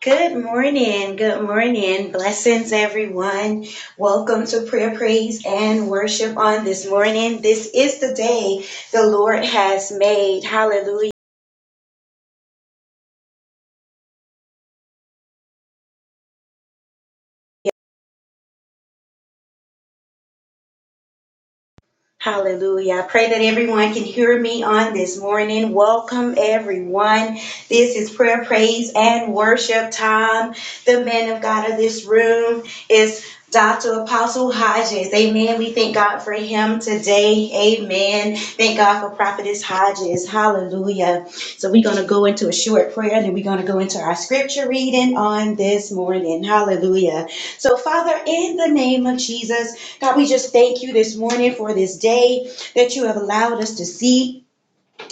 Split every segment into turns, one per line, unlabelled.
Good morning. Good morning. Blessings, everyone. Welcome to prayer, praise, and worship on this morning. This is the day the Lord has made. Hallelujah. Hallelujah. I pray that everyone can hear me on this morning. Welcome, everyone. This is prayer, praise, and worship time. The man of God of this room is Dr. Apostle Hodges. Amen. We thank God for him today. Amen. Thank God for Prophetess Hodges. Hallelujah. So we're going to go into a short prayer and then we're going to go into our scripture reading on this morning. Hallelujah. So, Father, in the name of Jesus, God, we just thank you this morning for this day that you have allowed us to see.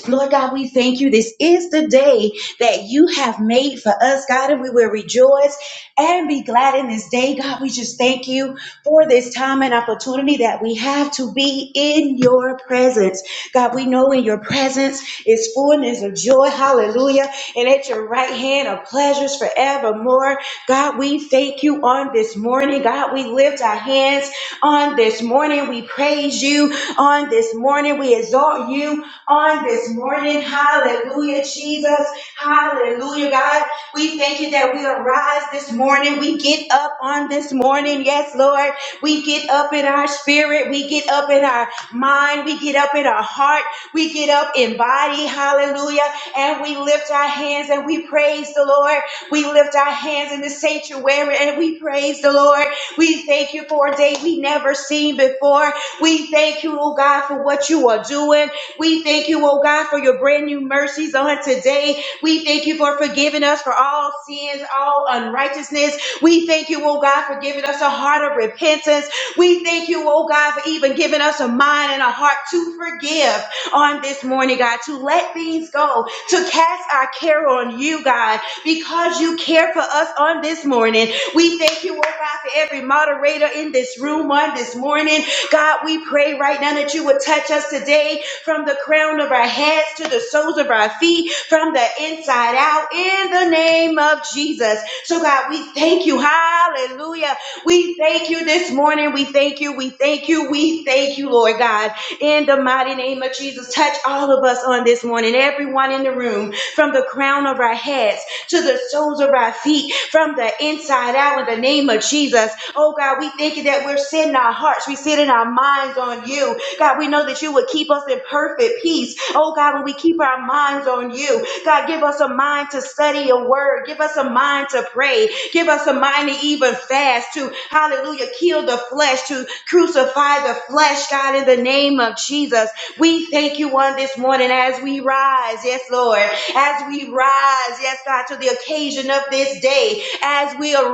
Lord God, we thank you. This is the day that you have made for us, God, and we will rejoice and be glad in this day. God, we just thank you for this time and opportunity that we have to be in your presence. God, we know in your presence is fullness of joy. Hallelujah. Hallelujah. And at your right hand are pleasures forevermore. God, we thank you on this morning. God, we lift our hands on this morning. We praise you on this morning. We exalt you on this morning. Hallelujah, Jesus. Hallelujah, God. We thank you that we arise this morning. We get up on this morning. Yes, Lord. We get up in our spirit. We get up in our mind. We get up in our heart. We get up in body, hallelujah, and we lift our hands and we praise the Lord. We lift our hands in the sanctuary and we praise the Lord. We thank you for a day we never seen before. We thank you, oh God, for what you are doing. We thank you, oh God, for your brand new mercies on today. We thank you for forgiving us for all sins, all unrighteousness. We thank you, oh God, for giving us a heart of repentance. We thank you, oh God, for even giving us a mind and a heart to forgive on this morning, God, to let things go, to cast our care on you, God, because you care for us on this morning. We thank you, oh God, for every moderator in this room on this morning. God, we pray right now that you would touch us today from the crown of our heads to the soles of our feet, from the inside out, in the name of Jesus. So, God, we thank you. Hallelujah. We thank you this morning. We thank you. We thank you. We thank you, Lord God in the mighty name of Jesus. Touch all of us on this morning, everyone in the room, from the crown of our heads to the soles of our feet, from the inside out in the name of Jesus. Oh God, we thank you that we're setting our hearts, we set in our minds on you. God, we know that you would keep us in perfect peace. Oh God, when we keep our minds on you, God, give us a mind to study your word. Give us a mind to pray. Give us a mind to even fast, to, hallelujah, kill the flesh, to crucify the flesh, God, in the name of Jesus. We thank you on this morning as we rise, yes, Lord, as we rise, yes, God, to the occasion of this day, as we arise,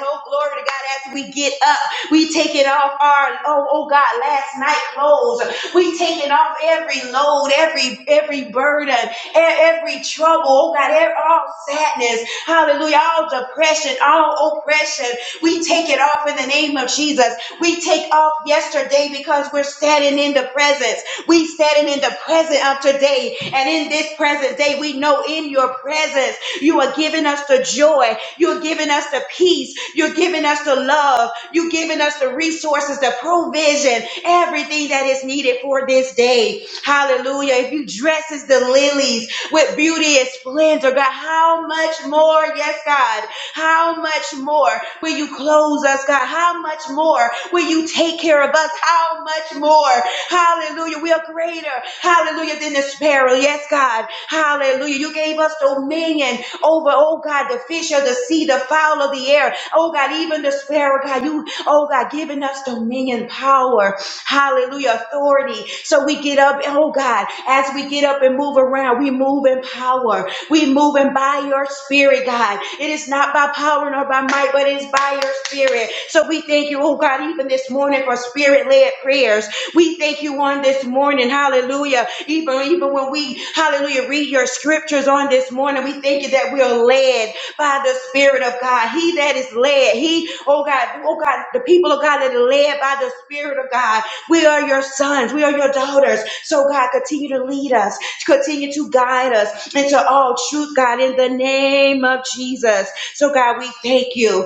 oh, glory to God, as we get up, we taking off our, oh, oh, God, last night clothes. We taking off every load, every, every burden, E- Every trouble, oh God, every, all sadness, hallelujah, all depression, all oppression, we take it off in the name of Jesus. We take off yesterday because we're standing in the presence. We standing in the present of today, and in this present day, we know in your presence you are giving us the joy, you're giving us the peace, you're giving us the love, you're giving us the resources, the provision, everything that is needed for this day. Hallelujah. If you dresses the lilies with beauty and splendor, God, how much more, yes, God, how much more will you close us, God? How much more will you take care of us? How much more? Hallelujah. We are greater, hallelujah, than the sparrow. Yes, God. Hallelujah. You gave us dominion over, oh God, the fish of the sea, the fowl of the air. Oh God, even the sparrow, God, you, oh God, giving us dominion, power power, hallelujah, authority. So we get up, oh God, as we get up and move around, we move in power. We move in by your spirit, God. It is not by power nor by might, but it is by your spirit. So we thank you, oh God, even this morning for spirit-led prayers. We thank you on this morning, hallelujah. Even, even when we, hallelujah, read your scriptures on this morning, we thank you that we are led by the Spirit of God. He that is led, he, oh God, oh God, the people of God that are led by the Spirit of God. We are your sons, we are your daughters. So God, continue to lead us, continue to guide us into all truth, God, in the name of Jesus. So God, we thank you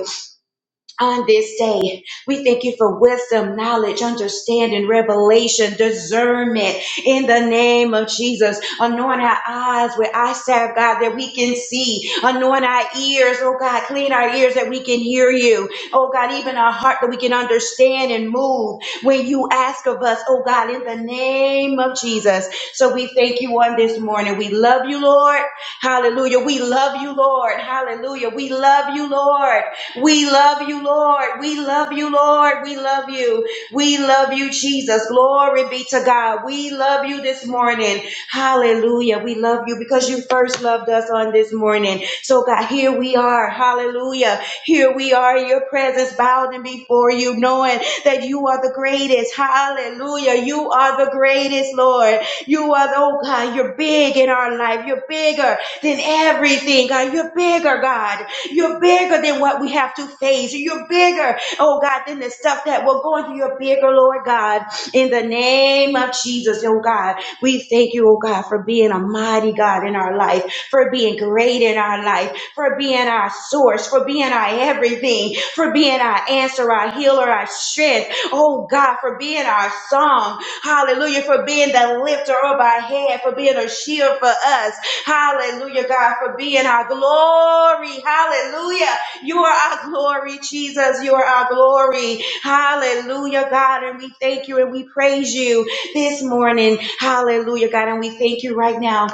on this day. We thank you for wisdom, knowledge, understanding, revelation, discernment in the name of Jesus. Anoint our eyes with eye salve, God, that we can see. Anoint our ears, oh God, clean our ears that we can hear you. Oh God, even our heart that we can understand and move when you ask of us, oh God, in the name of Jesus. So we thank you on this morning. We love you, Lord. Hallelujah. We love you, Lord. Hallelujah. We love you, Lord. We love you, Lord. We love you, Lord. We love you. We love you, Jesus. Glory be to God. We love you this morning. Hallelujah. We love you because you first loved us on this morning. So, God, here we are. Hallelujah. Here we are in your presence, bowed and before you, knowing that you are the greatest. Hallelujah. You are the greatest, Lord. You are, oh God, you're big in our life. You're bigger than everything, God. You're bigger, God. You're bigger than what we have to face. You're bigger, oh God, than the stuff that we're going through. You're bigger, Lord God. In the name of Jesus, oh God, we thank you, oh God, for being a mighty God in our life, for being great in our life, for being our source, for being our everything, for being our answer, our healer, our strength, oh God, for being our song, hallelujah, for being the the lifter of our head, for being a shield for us. Hallelujah, God, for being our glory. Hallelujah. You are our glory, Jesus. You are our glory. Hallelujah, God. And we thank you and we praise you this morning. Hallelujah, God. And we thank you right now.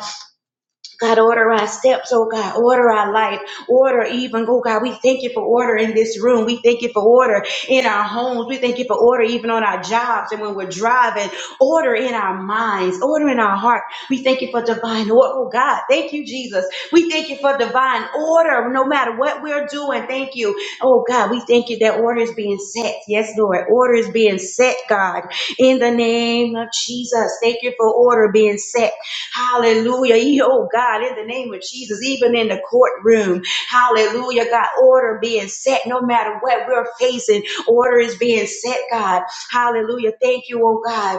God, order our steps, oh God, order our life, order even, oh God, we thank you for order in this room. We thank you for order in our homes. We thank you for order even on our jobs and when we're driving, order in our minds, order in our heart. We thank you for divine order, oh God. Thank you, Jesus. We thank you for divine order no matter what we're doing. Thank you. Oh God, we thank you that order is being set. Yes, Lord, order is being set, God, in the name of Jesus. Thank you for order being set. Hallelujah. E- Oh God, in the name of Jesus, even in the courtroom. Hallelujah. God, order being set no matter what we're facing. Order is being set, God. Hallelujah. Thank you, oh God.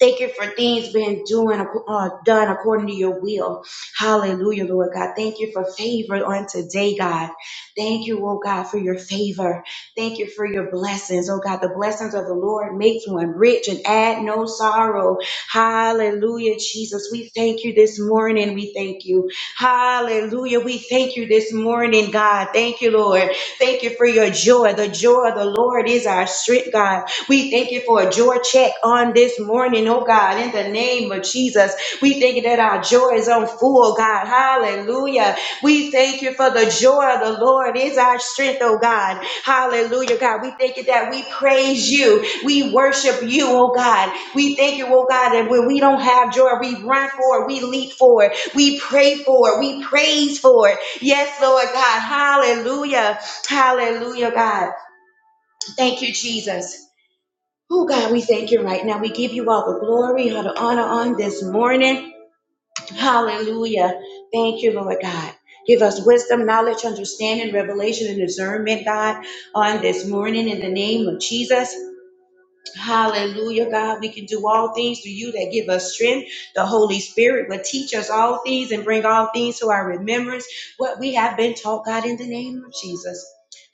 Thank you for things being doing, uh, done according to your will. Hallelujah, Lord God. Thank you for favor on today, God. Thank you, oh God, for your favor. Thank you for your blessings, oh God. The blessings of the Lord makes one rich and add no sorrow. Hallelujah, Jesus. We thank you this morning. We thank you. Hallelujah. We thank you this morning, God. Thank you, Lord. Thank you for your joy. The joy of the Lord is our strength, God. We thank you for a joy check on this morning, oh God, in the name of Jesus. We thank you that our joy is on full, God. Hallelujah. We thank you for the joy of the Lord is our strength, oh God. Hallelujah, God. We thank you that we praise you. We worship you, oh God. We thank you, oh God, that when we don't have joy, we run for it, we leap for it, we pray for it, we praise for it. Yes, Lord God. Hallelujah. Hallelujah, God. Thank you, Jesus. Oh God, we thank you right now. We give you all the glory, all the honor on this morning. Hallelujah. Thank you, Lord God. Give us wisdom, knowledge, understanding, revelation, and discernment, God, on this morning in the name of Jesus. Hallelujah, God. We can do all things through you that give us strength. The Holy Spirit will teach us all things and bring all things to our remembrance what we have been taught, God, in the name of Jesus.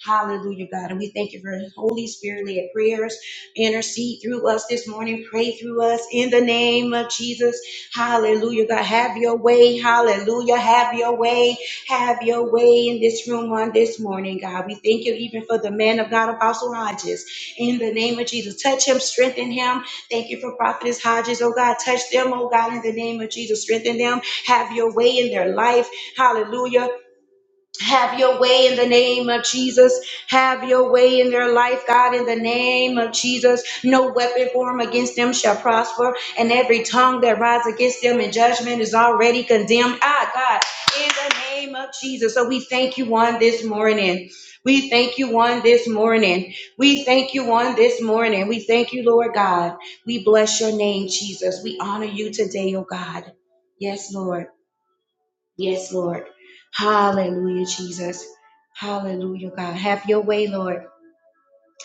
Hallelujah, God. And we thank you for Holy Spirit led prayers. Intercede through us this morning. Pray through us in the name of Jesus. Hallelujah, God. Have your way. Hallelujah. Have your way. Have your way in this room on this morning, God. We thank you even for the man of God, Apostle Hodges. In the name of Jesus, touch him, strengthen him. Thank you for Prophetess Hodges, oh God. Touch them, oh God, in the name of Jesus. Strengthen them. Have your way in their life. Hallelujah. Have your way in the name of Jesus. Have your way in their life, God, in the name of Jesus. No weapon formed against them shall prosper, and every tongue that rises against them in judgment is already condemned. Ah, God, in the name of Jesus. So we thank you on this morning. We thank you on this morning. We thank you on this morning. We thank you, Lord God. We bless your name, Jesus. We honor you today, oh God. Yes, Lord. Yes, Lord. Hallelujah, Jesus. Hallelujah, God. Have your way, Lord.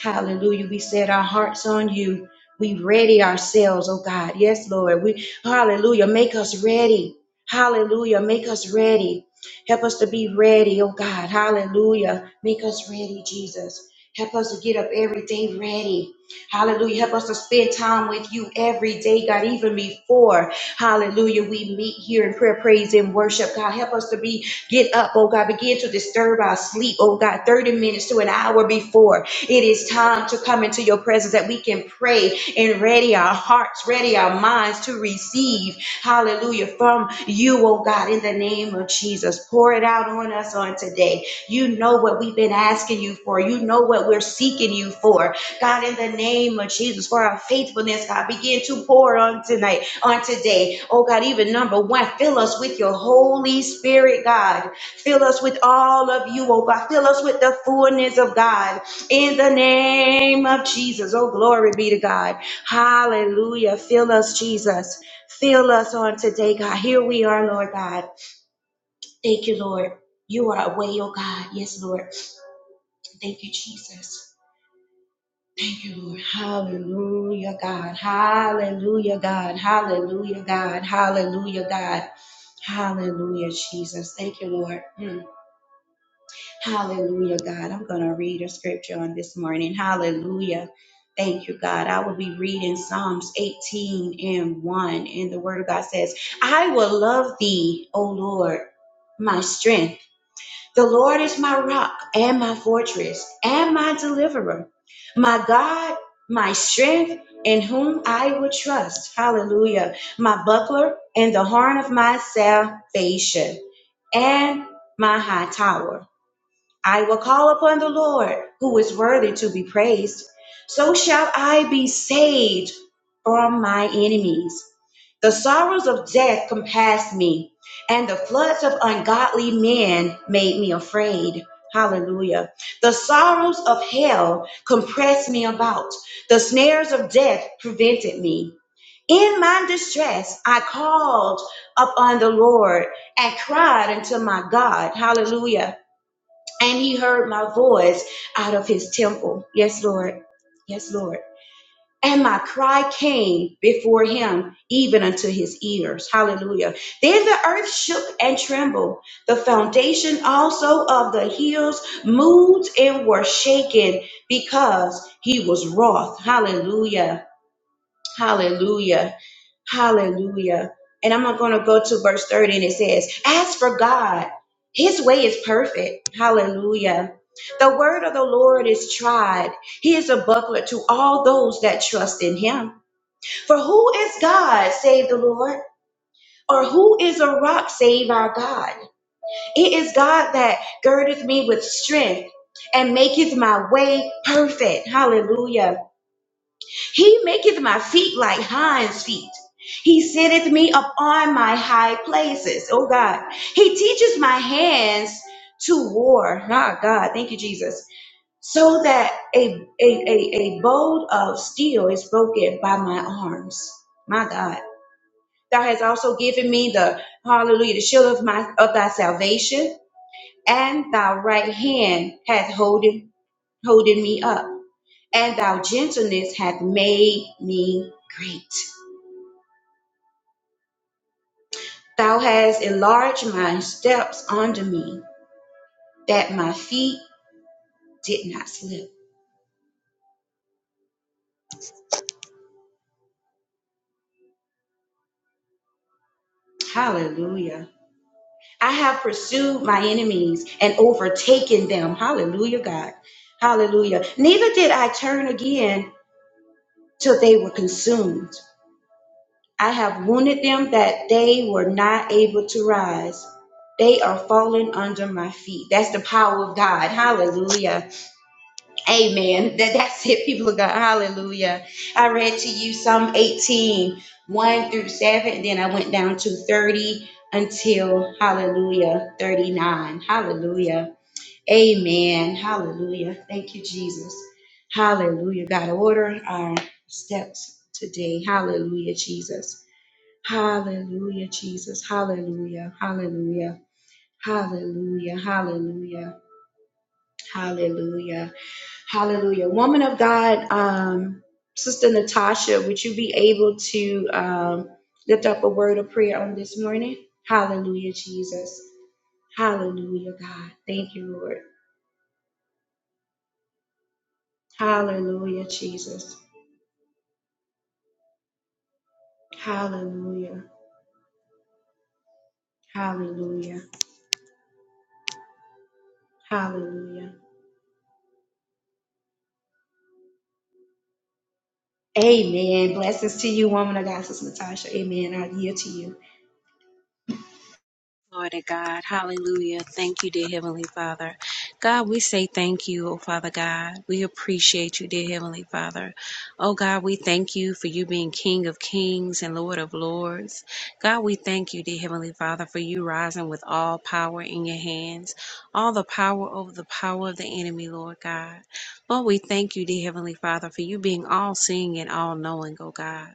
Hallelujah. We set our hearts on you. We ready ourselves, oh God. Yes, Lord. We hallelujah. Make us ready. Hallelujah. Make us ready. Help us to be ready, oh God. Hallelujah. Make us ready, Jesus. Help us to get up every day ready. Hallelujah. Help us to spend time with you every day, God, even before. Hallelujah. We meet here in prayer, praise, and worship. God, help us to be get up, oh God. Begin to disturb our sleep, oh God, 30 minutes to an hour before. It is time to come into your presence that we can pray and ready our hearts, ready our minds to receive, hallelujah, from you, oh God, in the name of Jesus. Pour it out on us on today. You know what we've been asking you for. You know what we're seeking you for. God, in the name of Jesus, for our faithfulness, God, begin to pour on tonight, on today. Oh God, even number one, fill us with your Holy Spirit, God. Fill us with all of you, oh God. Fill us with the fullness of God. In the name of Jesus. Oh, glory be to God. Hallelujah. Fill us, Jesus. Fill us on today, God. Here we are, Lord God. Thank you, Lord. You are away, oh God. Yes, Lord. Thank you, Jesus. Thank you, Lord. Hallelujah, God. Hallelujah, God. Hallelujah, God. Hallelujah, God. Hallelujah, Jesus. Thank you, Lord. Hmm. Hallelujah, God. I'm going to read a scripture on this morning. Hallelujah. Thank you, God. I will be reading Psalms 18 and 1. And the word of God says, I will love thee, O Lord, my strength. The Lord is my rock and my fortress and my deliverer, my God, my strength, in whom I will trust. Hallelujah. My buckler and the horn of my salvation and my high tower. I will call upon the Lord, who is worthy to be praised. So shall I be saved from my enemies. The sorrows of death compassed me, and the floods of ungodly men made me afraid. Hallelujah. The sorrows of hell compressed me about. The snares of death prevented me. In my distress, I called upon the Lord and cried unto my God. Hallelujah and he heard my voice out of his temple. Yes, Lord. Yes, Lord. And my cry came before him, even unto his ears. Hallelujah. Then the earth shook and trembled. The foundation also of the hills moved and were shaken because he was wroth. Hallelujah. Hallelujah. Hallelujah. And I'm going to go to verse 30 and it says, As for God, his way is perfect. Hallelujah. The word of the Lord is tried. He is a buckler to all those that trust in him. For who is God save the Lord? Or who is a rock save our God? It is God that girdeth me with strength and maketh my way perfect. Hallelujah. He maketh my feet like hinds feet. He setteth me up on my high places. Oh God. He teaches my hands to war. Ah God, thank you, Jesus. So that a, a, a, a bolt of steel is broken by my arms. My God. Thou hast also given me the hallelujah, the shield of my of thy salvation, and thy right hand hath holding holding me up, and thy gentleness hath made me great. Thou hast enlarged my steps under me, that my feet did not slip. Hallelujah. I have pursued my enemies and overtaken them. Hallelujah, God. Hallelujah. Neither did I turn again till they were consumed. I have wounded them that they were not able to rise. They are fallen under my feet. That's the power of God. Hallelujah. Amen. That, that's it, people of God. Hallelujah. I read to you Psalm eighteen one through 7. Then I went down to 30 until, hallelujah, 39. Hallelujah. Amen. Hallelujah. Thank you, Jesus. Hallelujah. God, order our steps today. Hallelujah, Jesus. Hallelujah, Jesus. Hallelujah. Hallelujah. Hallelujah. Hallelujah. Hallelujah. Hallelujah. Woman of God, um, Sister Natasha, would you be able to um, lift up a word of prayer on this morning? Hallelujah, Jesus. Hallelujah, God. Thank you, Lord. Hallelujah, Jesus. Hallelujah. Hallelujah. Hallelujah. Amen. Blessings to you, woman of God, Sister Natasha. Amen. I yield to you.
Glory to God. Hallelujah. Thank you, dear Heavenly Father. God, we say thank you, oh Father God. We appreciate you, dear Heavenly Father. Oh God, we thank you for you being King of Kings and Lord of Lords. God, we thank you, dear Heavenly Father, for you rising with all power in your hands, all the power over the power of the enemy, Lord God. Lord, we thank you, dear Heavenly Father, for you being all seeing and all knowing, oh God.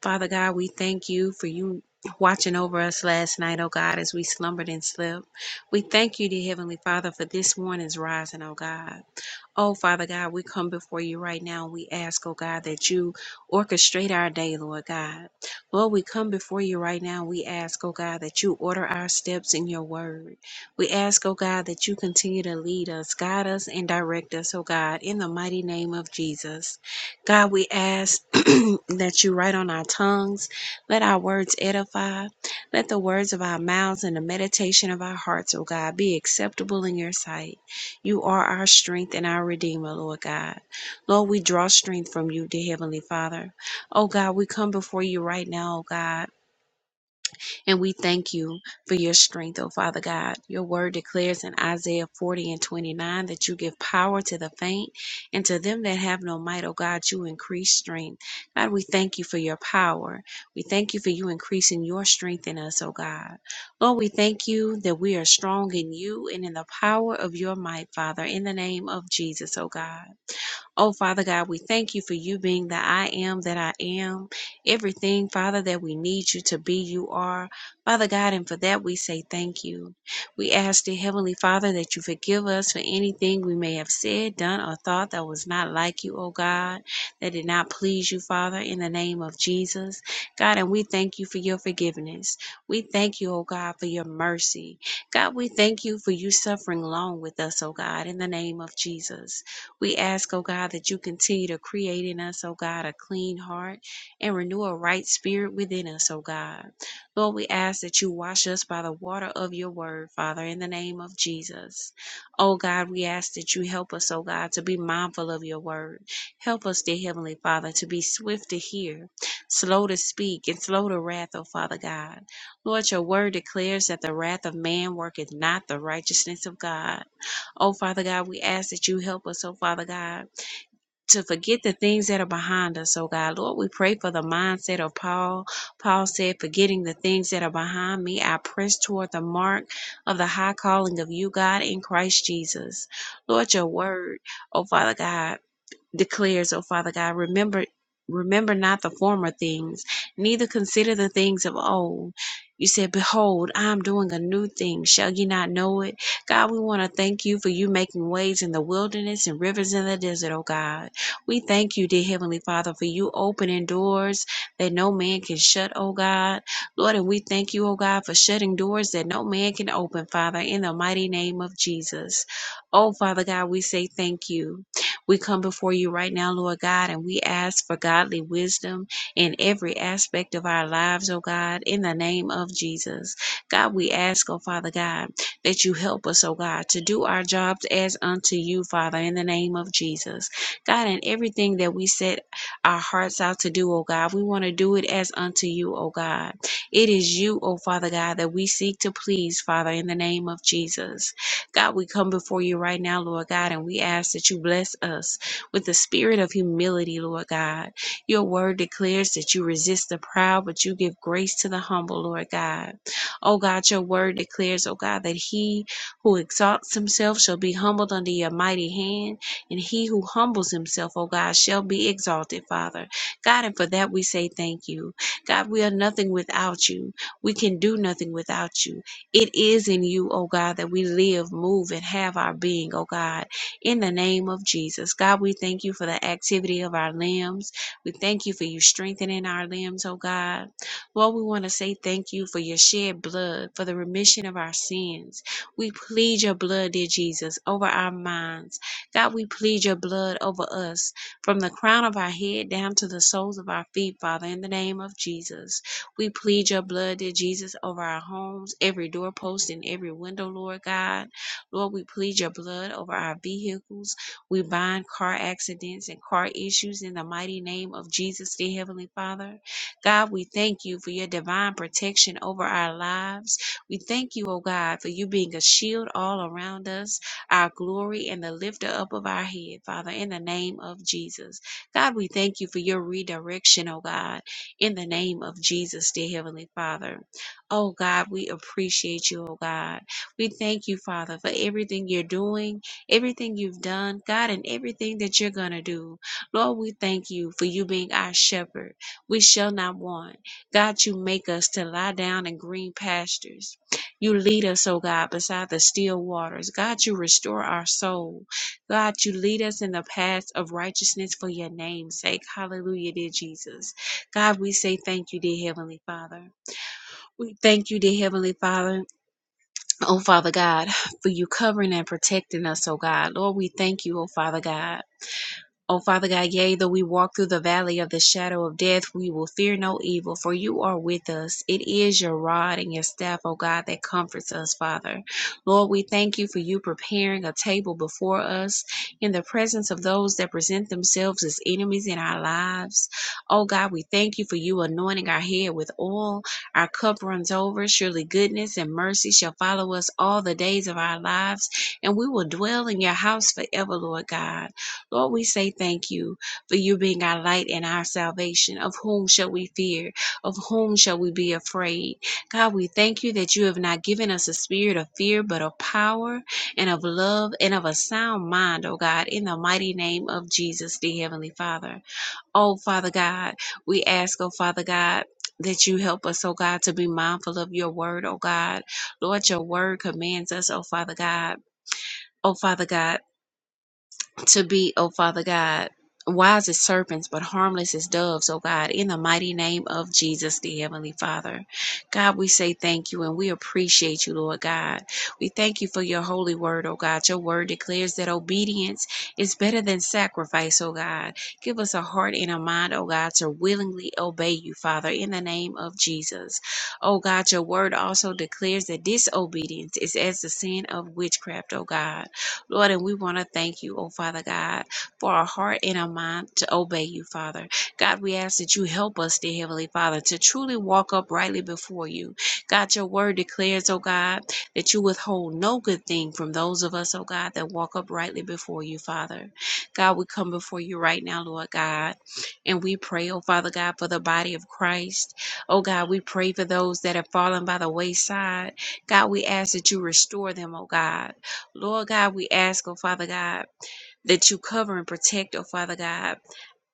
Father God, we thank you for you watching over us last night, oh God, as we slumbered and slept. We thank you, dear Heavenly Father, for this morning's rising, oh God. Oh, Father God, we come before you right now. We ask, oh God, that you orchestrate our day, Lord God. Lord, we come before you right now. We ask, oh God, that you order our steps in your word. We ask, oh God, that you continue to lead us, guide us, and direct us, oh God, in the mighty name of Jesus. God, we ask that you write on our tongues. Let our words edify. Let the words of our mouths and the meditation of our hearts, O God, be acceptable in your sight. You are our strength and our Redeemer, Lord God. Lord, we draw strength from you, dear Heavenly Father. Oh God, we come before you right now, oh God. And we thank you for your strength, O Father God. Your word declares in Isaiah 40 and 29 that you give power to the faint and to them that have no might, O God, you increase strength. God, we thank you for your power. We thank you for you increasing your strength in us, O God. Lord, we thank you that we are strong in you and in the power of your might, Father, in the name of Jesus, O God. Oh, Father God, we thank you for you being the I am that I am. Everything, Father, that we need you to be, you are. Father God, and for that we say thank you. We ask, dear Heavenly Father, that you forgive us for anything we may have said, done, or thought that was not like you, oh God, that did not please you, Father, in the name of Jesus. God, and we thank you for your forgiveness. We thank you, oh God, for your mercy. God, we thank you for you suffering long with us, oh God, in the name of Jesus. We ask, oh God, that you continue to create in us, oh God, a clean heart and renew a right spirit within us, oh God. Lord, we ask that you wash us by the water of your word, Father, in the name of Jesus. Oh God, we ask that you help us, oh God, to be mindful of your word. Help us, dear Heavenly Father, to be swift to hear, slow to speak, and slow to wrath, O Father God. Lord, your word declares that the wrath of man worketh not the righteousness of God. Oh, Father God, we ask that you help us, oh, Father God, to forget the things that are behind us, oh, God. Lord, we pray for the mindset of Paul. Paul said, forgetting the things that are behind me, I press toward the mark of the high calling of you, God, in Christ Jesus. Lord, your word, oh, Father God declares, O Father God, remember remember not the former things, neither consider the things of old. You said, Behold, I am doing a new thing. Shall ye not know it? God, we want to thank you for you making ways in the wilderness and rivers in the desert, oh God. We thank you, dear Heavenly Father, for you opening doors that no man can shut, oh God. Lord, and we thank you, oh God, for shutting doors that no man can open, Father, in the mighty name of Jesus. Oh, Father God, we say thank you. We come before you right now, Lord God, and we ask for godly wisdom in every aspect of our lives, oh God, in the name of Jesus. God, we ask, oh Father God, that you help us, oh God, to do our jobs as unto you, Father, in the name of Jesus. God, in everything that we set our hearts out to do, oh God, we want to do it as unto you, oh God. It is you, oh Father God, that we seek to please, Father, in the name of Jesus. God, we come before you right now, Lord God, and we ask that you bless us with the spirit of humility, Lord God. Your word declares that you resist the proud, but you give grace to the humble, Lord God. Oh God, your word declares, oh God, that he who exalts himself shall be humbled under your mighty hand, and he who humbles himself, oh God, shall be exalted, Father. God, and for that we say thank you. God, we are nothing without you. We can do nothing without you. It is in you, oh God, that we live, move, and have our being, oh God, in the name of Jesus. God, we thank you for the activity of our limbs. We thank you for you strengthening our limbs, oh God. Lord, we want to say thank you for your shed blood, for the remission of our sins. We plead your blood, dear Jesus, over our minds. God, we plead your blood over us from the crown of our head down to the soles of our feet, Father, in the name of Jesus. We plead your blood, dear Jesus, over our homes, every doorpost and every window, Lord God. Lord, we plead your blood over our vehicles. We bind car accidents and car issues in the mighty name of Jesus, dear Heavenly Father. God, we thank you for your divine protection over our lives. We thank you, O God, for you being a shield all around us, our glory and the lifter up of our head, Father, in the name of Jesus. God, we thank you for your redirection, O God in the name of Jesus, dear Heavenly Father. Oh God, we appreciate you, oh God. We thank you, Father, for everything you're doing, everything you've done, God, and everything that you're going to do. Lord, we thank you for you being our shepherd. We shall not want. God, you make us to lie down in green pastures. You lead us, oh God, beside the still waters. God, you restore our soul. God, you lead us in the paths of righteousness for your name's sake. Hallelujah, dear Jesus. God, we say thank you, dear Heavenly Father. We thank you, dear Heavenly Father. Oh, Father God, for you covering and protecting us, oh God. Lord, we thank you, oh Father God. O Father God, yea, though we walk through the valley of the shadow of death, we will fear no evil, for you are with us. It is your rod and your staff, O God, that comforts us, Father. Lord, we thank you for you preparing a table before us in the presence of those that present themselves as enemies in our lives. O God, we thank you for you anointing our head with oil. Our cup runs over. Surely goodness and mercy shall follow us all the days of our lives, and we will dwell in your house forever, Lord God. Lord, we say thank you for you being our light and our salvation. Of whom shall we fear? Of whom shall we be afraid? God, we thank you that you have not given us a spirit of fear, but of power and of love and of a sound mind, O God, in the mighty name of Jesus, the Heavenly Father. Oh, Father God, we ask, oh, Father God, that you help us, oh God, to be mindful of your word, oh God. Lord, your word commands us, oh Father God. Oh Father God to be, oh Father God, wise as serpents, but harmless as doves, oh God, in the mighty name of Jesus, the Heavenly Father. God, we say thank you and we appreciate you, Lord God. We thank you for your holy word, oh God. Your word declares that obedience is better than sacrifice, oh God. Give us a heart and a mind, oh God, to willingly obey you, Father, in the name of Jesus. Oh God, your word also declares that disobedience is as the sin of witchcraft, oh God. Lord, and we want to thank you, oh Father God, for our heart and our mind to obey you, Father. God, we ask that you help us, dear Heavenly Father, to truly walk uprightly before you. God, your word declares, oh God, that you withhold no good thing from those of us, oh God, that walk uprightly before you, Father. God, we come before you right now, Lord God, and we pray, oh Father God, for the body of Christ. Oh God, we pray for those that have fallen by the wayside. God, we ask that you restore them, oh God. Lord God, we ask, oh Father God, that you cover and protect, oh Father God.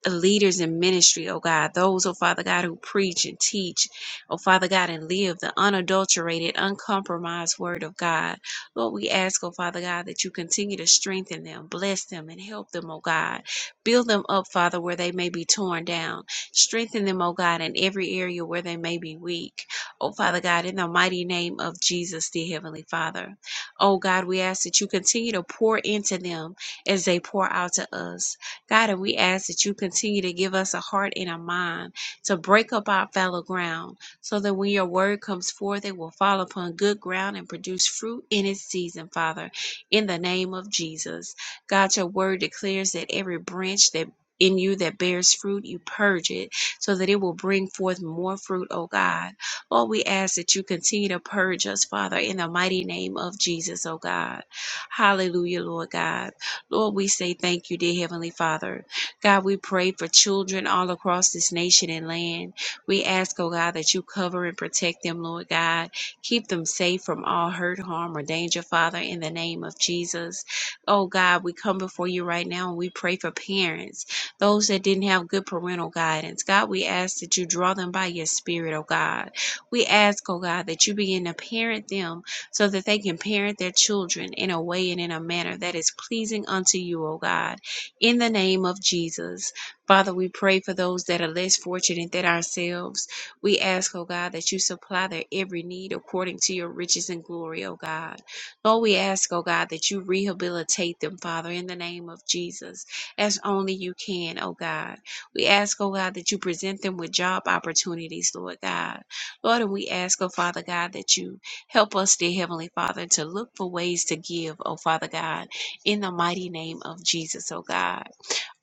The leaders in ministry, oh God, those, oh Father God, who preach and teach, oh Father God, and live the unadulterated, uncompromised word of God. Lord, we ask, oh Father God, that you continue to strengthen them, bless them, and help them, oh God. Build them up, Father, where they may be torn down. Strengthen them, oh God, in every area where they may be weak. Oh Father God, in the mighty name of Jesus, dear Heavenly Father. Oh God, we ask that you continue to pour into them as they pour out to us. God, and we ask that you continue to give us a heart and a mind to break up our fallow ground so that when your word comes forth, it will fall upon good ground and produce fruit in its season, Father, in the name of Jesus. God, your word declares that every branch that in you that bears fruit, you purge it so that it will bring forth more fruit, O God. Lord, we ask that you continue to purge us, Father, in the mighty name of Jesus, O God. Hallelujah, Lord God. Lord, we say thank you, dear Heavenly Father. God, we pray for children all across this nation and land. We ask, oh God, that you cover and protect them, Lord God. Keep them safe from all hurt, harm, or danger, Father, in the name of Jesus. Oh God, we come before you right now and we pray for parents, those that didn't have good parental guidance. God, we ask that you draw them by your spirit, oh God. We ask, oh God, that you begin to parent them so that they can parent their children in a way and in a manner that is pleasing unto you, O God. In the name of Jesus, Father, we pray for those that are less fortunate than ourselves. We ask, O God, that you supply their every need according to your riches and glory, O God. Lord, we ask, O God, that you rehabilitate them, Father, in the name of Jesus, as only you can, O God. We ask, O God, that you present them with job opportunities, Lord God. Lord, and we ask, O Father God, that you Help us, dear Heavenly Father, to look for ways to give, oh Father God, in the mighty name of Jesus, oh God.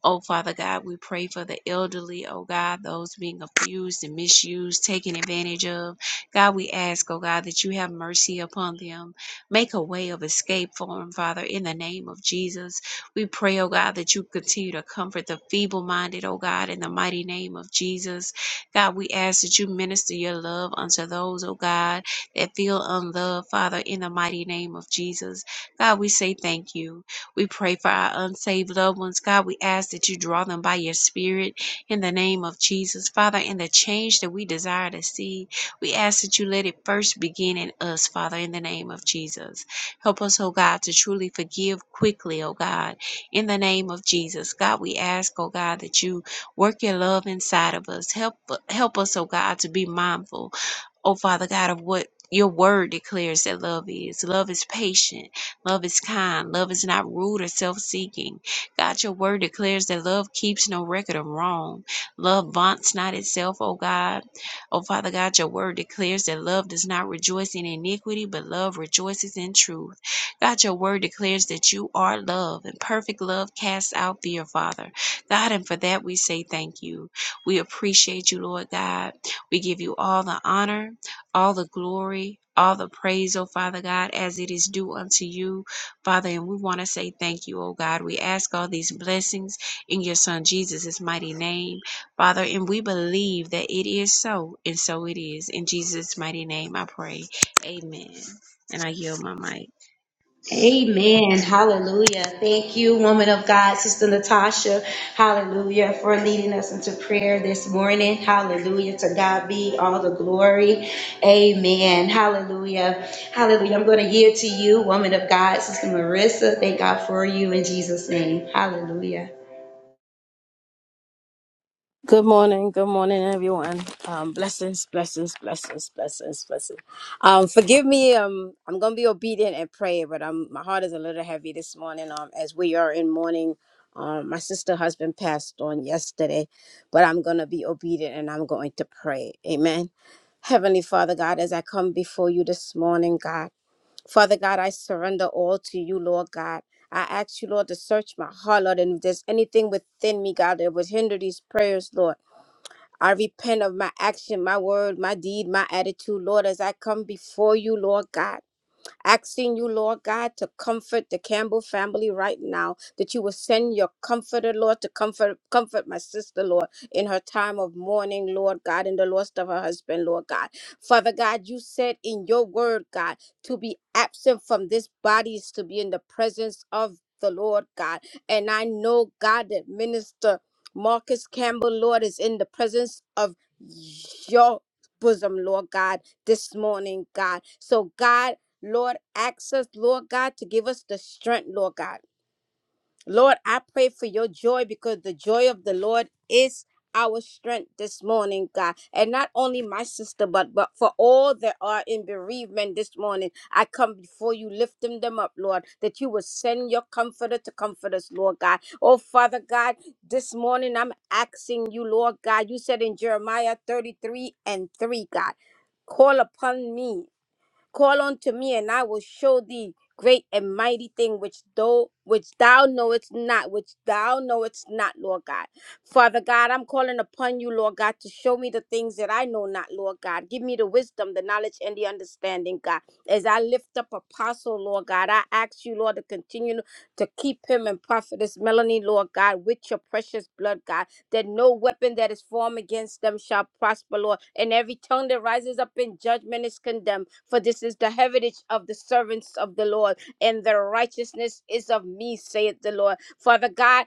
Oh, Father God, we pray for the elderly, oh God, those being abused and misused, taken advantage of. God, we ask, oh God, that you have mercy upon them. Make a way of escape for them, Father, in the name of Jesus. We pray, oh God, that you continue to comfort the feeble minded, oh God, in the mighty name of Jesus. God, we ask that you minister your love unto those, oh God, that feel unloved, Father, in the mighty name of Jesus. God, we say thank you. We pray for our unsaved loved ones. God, we ask that you draw them by your spirit in the name of Jesus. Father, in the change that we desire to see, we ask that you let it first begin in us, Father, in the name of Jesus. Help us, oh God, to truly forgive quickly, oh God, in the name of Jesus. God, we ask, oh God, that you work your love inside of us. Help help us, oh God, to be mindful, oh Father God, of what your word declares that love is. Love is patient. Love is kind. Love is not rude or self seeking. God, your word declares that love keeps no record of wrong. Love vaunts not itself, O God. O Father God, your word declares that love does not rejoice in iniquity, but love rejoices in truth. God, your word declares that you are love, and perfect love casts out fear, Father. God, and for that we say thank you. We appreciate you, Lord God. We give you all the honor all the glory, all the praise, oh Father God, as it is due unto you, Father. And we want to say thank you, oh God. We ask all these blessings in your Son Jesus' mighty name, Father. And we believe that it is so, and so it is. In Jesus' mighty name, I pray. Amen. And I yield my mic.
Amen. Hallelujah. Thank you, woman of God, Sister Natasha. Hallelujah for leading us into prayer this morning. Hallelujah. To God be all the glory. Amen. Hallelujah. Hallelujah. I'm going to yield to you, woman of God, Sister Marissa. Thank God for you in Jesus' name. Hallelujah.
Good morning, good morning, everyone. Um, blessings, blessings, blessings, blessings, blessings. Um, forgive me. Um, I'm gonna be obedient and pray, but um, my heart is a little heavy this morning. Um, as we are in mourning, um, my sister husband passed on yesterday, but I'm gonna be obedient and I'm going to pray. Amen. Heavenly Father God, as I come before you this morning, God, Father God, I surrender all to you, Lord God. I ask you, Lord, to search my heart, Lord, and if there's anything within me, God, that would hinder these prayers, Lord. I repent of my action, my word, my deed, my attitude, Lord, as I come before you, Lord God asking you, Lord God, to comfort the Campbell family right now, that you will send your comforter, Lord, to comfort comfort my sister, Lord, in her time of mourning, Lord God, in the loss of her husband, Lord God. Father God, you said in your word, God, to be absent from this body is to be in the presence of the Lord God. And I know, God, that minister Marcus Campbell, Lord, is in the presence of your bosom, Lord God, this morning, God. So, God, Lord, ask us, Lord God, to give us the strength, Lord God. Lord, I pray for your joy because the joy of the Lord is our strength this morning, God. And not only my sister, but, but for all that are in bereavement this morning, I come before you, lifting them up, Lord, that you will send your comforter to comfort us, Lord God. Oh, Father God, this morning I'm asking you, Lord God, you said in Jeremiah 33 and 3, God, call upon me Call unto me, and I will show thee great and mighty thing which thou which thou knowest not, which thou knowest not, Lord God. Father God, I'm calling upon you, Lord God, to show me the things that I know not, Lord God. Give me the wisdom, the knowledge, and the understanding, God. As I lift up Apostle, Lord God, I ask you, Lord, to continue to keep him and prophetess Melanie, Lord God, with your precious blood, God that no weapon that is formed against them shall prosper, Lord. And every tongue that rises up in judgment is condemned. For this is the heritage of the servants of the Lord, and their righteousness is of me, saith the Lord. Father God,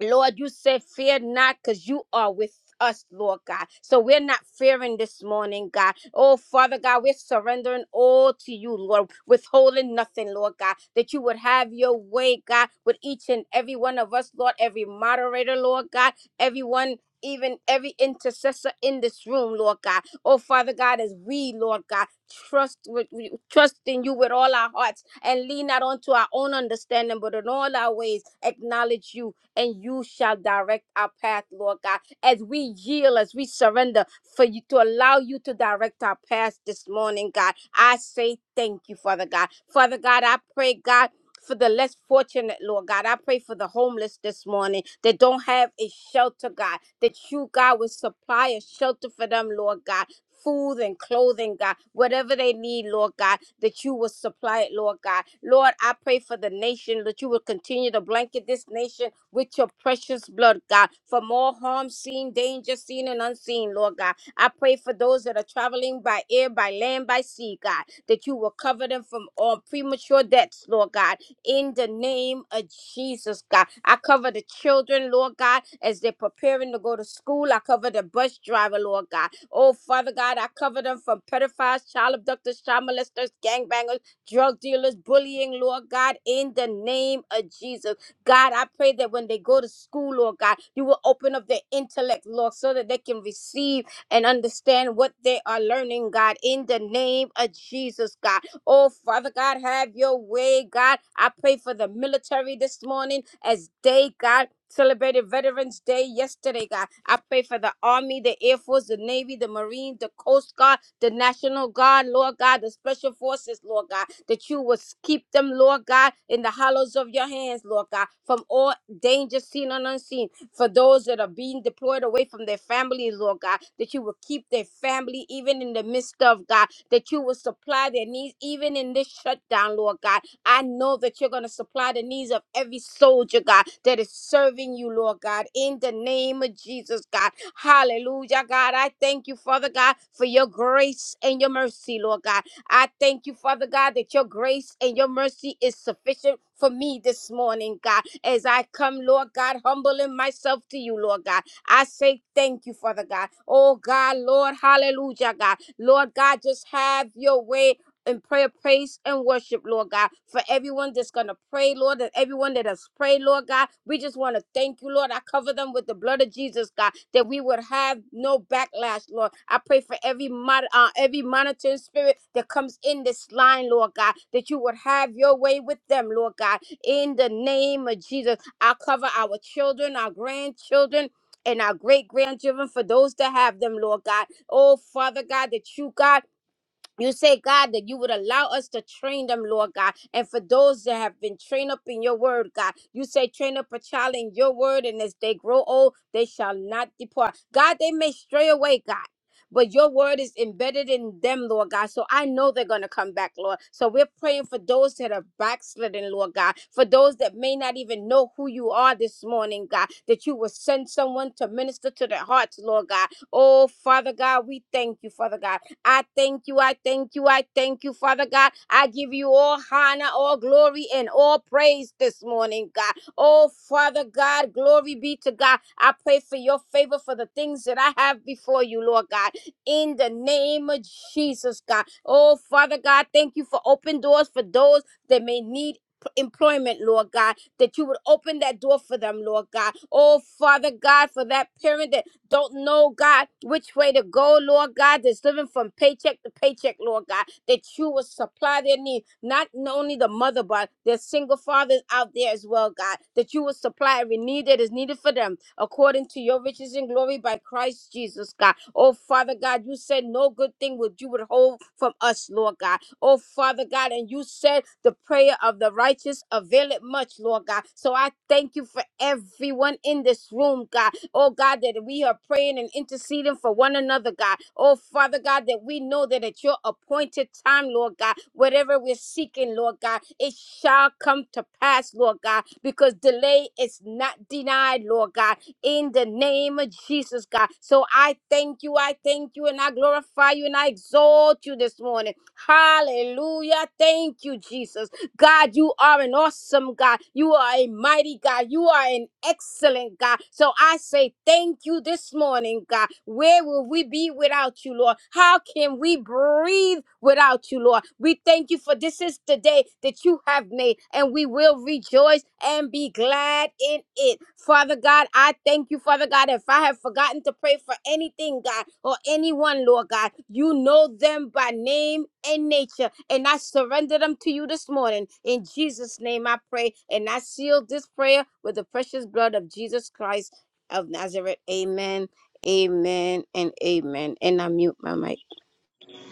Lord, you said, Fear not, because you are with us, Lord God. So we're not fearing this morning, God. Oh, Father God, we're surrendering all to you, Lord, withholding nothing, Lord God, that you would have your way, God, with each and every one of us, Lord, every moderator, Lord God, everyone. Even every intercessor in this room, Lord God. Oh, Father God, as we, Lord God, trust with, we trust in you with all our hearts and lean not onto our own understanding, but in all our ways acknowledge you and you shall direct our path, Lord God, as we yield, as we surrender for you to allow you to direct our path this morning, God. I say thank you, Father God. Father God, I pray, God. For the less fortunate, Lord God, I pray for the homeless this morning that don't have a shelter, God, that you, God, will supply a shelter for them, Lord God. Food and clothing, God, whatever they need, Lord God, that you will supply it, Lord God. Lord, I pray for the nation that you will continue to blanket this nation with your precious blood, God, from all harm, seen, danger, seen, and unseen, Lord God. I pray for those that are traveling by air, by land, by sea, God, that you will cover them from all premature deaths, Lord God, in the name of Jesus, God. I cover the children, Lord God, as they're preparing to go to school. I cover the bus driver, Lord God. Oh, Father God, I cover them from pedophiles, child abductors, child molesters, gangbangers, drug dealers, bullying, Lord God, in the name of Jesus. God, I pray that when they go to school, Lord God, you will open up their intellect, Lord, so that they can receive and understand what they are learning, God, in the name of Jesus, God. Oh, Father God, have your way, God. I pray for the military this morning as they, God, celebrated Veterans Day yesterday, God. I pray for the Army, the Air Force, the Navy, the Marine, the Coast Guard the national guard, Lord God, the special forces, Lord God, that you will keep them, Lord God, in the hollows of your hands, Lord God, from all danger seen and unseen. For those that are being deployed away from their families, Lord God, that you will keep their family even in the midst of God, that you will supply their needs even in this shutdown, Lord God. I know that you're going to supply the needs of every soldier, God, that is serving you, Lord God, in the name of Jesus, God. Hallelujah, God. I thank you, Father God, for your grace and your mercy, Lord God. I thank you, Father God, that your grace and your mercy is sufficient for me this morning, God. As I come, Lord God, humbling myself to you, Lord God. I say thank you, Father God. Oh, God, Lord, hallelujah, God. Lord God, just have your way in prayer, praise, and worship, Lord God. For everyone that's going to pray, Lord, and everyone that has prayed, Lord God, we just want to thank you, Lord. I cover them with the blood of Jesus, God, that we would have no backlash, Lord. I pray for every mod- uh, every monitoring spirit that comes in this line, Lord God, that you would have your way with them, Lord God. In the name of Jesus, I cover our children, our grandchildren. And our great grandchildren, for those that have them, Lord God. Oh, Father God, that you, God, you say, God, that you would allow us to train them, Lord God. And for those that have been trained up in your word, God, you say, train up a child in your word, and as they grow old, they shall not depart. God, they may stray away, God. But your word is embedded in them, Lord God. So I know they're going to come back, Lord. So we're praying for those that are backslidden, Lord God. For those that may not even know who you are this morning, God, that you will send someone to minister to their hearts, Lord God. Oh, Father God, we thank you, Father God. I thank you. I thank you. I thank you, Father God. I give you all honor, all glory, and all praise this morning, God. Oh, Father God, glory be to God. I pray for your favor for the things that I have before you, Lord God. In the name of Jesus, God. Oh, Father God, thank you for open doors for those that may need employment, Lord God, that you would open that door for them, Lord God. Oh, Father God, for that parent that don't know, God, which way to go, Lord God, that's living from paycheck to paycheck, Lord God, that you will supply their need, not only the mother, but their single fathers out there as well, God, that you will supply every need that is needed for them according to your riches and glory by Christ Jesus, God. Oh, Father God, you said no good thing would you withhold from us, Lord God. Oh, Father God, and you said the prayer of the righteous availeth much, Lord God. So I thank you for everyone in this room, God Oh God, that we are praying and interceding for one another, God. Oh Father God, that we know that at your appointed time, Lord God, whatever we're seeking, Lord God, it shall come to pass, Lord God, because delay is not denied, Lord God in the name of Jesus, God. So I thank you, I thank you, and I glorify you, and I exalt you this morning. Hallelujah. Thank you, Jesus. God, you are an awesome God. You are a mighty God. You are an excellent God. So I say thank you this morning, God. Where will we be without you, Lord? How can we breathe without you, Lord? We thank you for this is the day that you have made, and we will rejoice and and be glad in it. Father God, I thank you, Father God. If I have forgotten to pray for anything, God, or anyone, Lord God, you know them by name and nature. And I surrender them to you this morning. In Jesus' name I pray. And I seal this prayer with the precious blood of Jesus Christ of Nazareth. Amen. Amen and amen. And I mute my mic.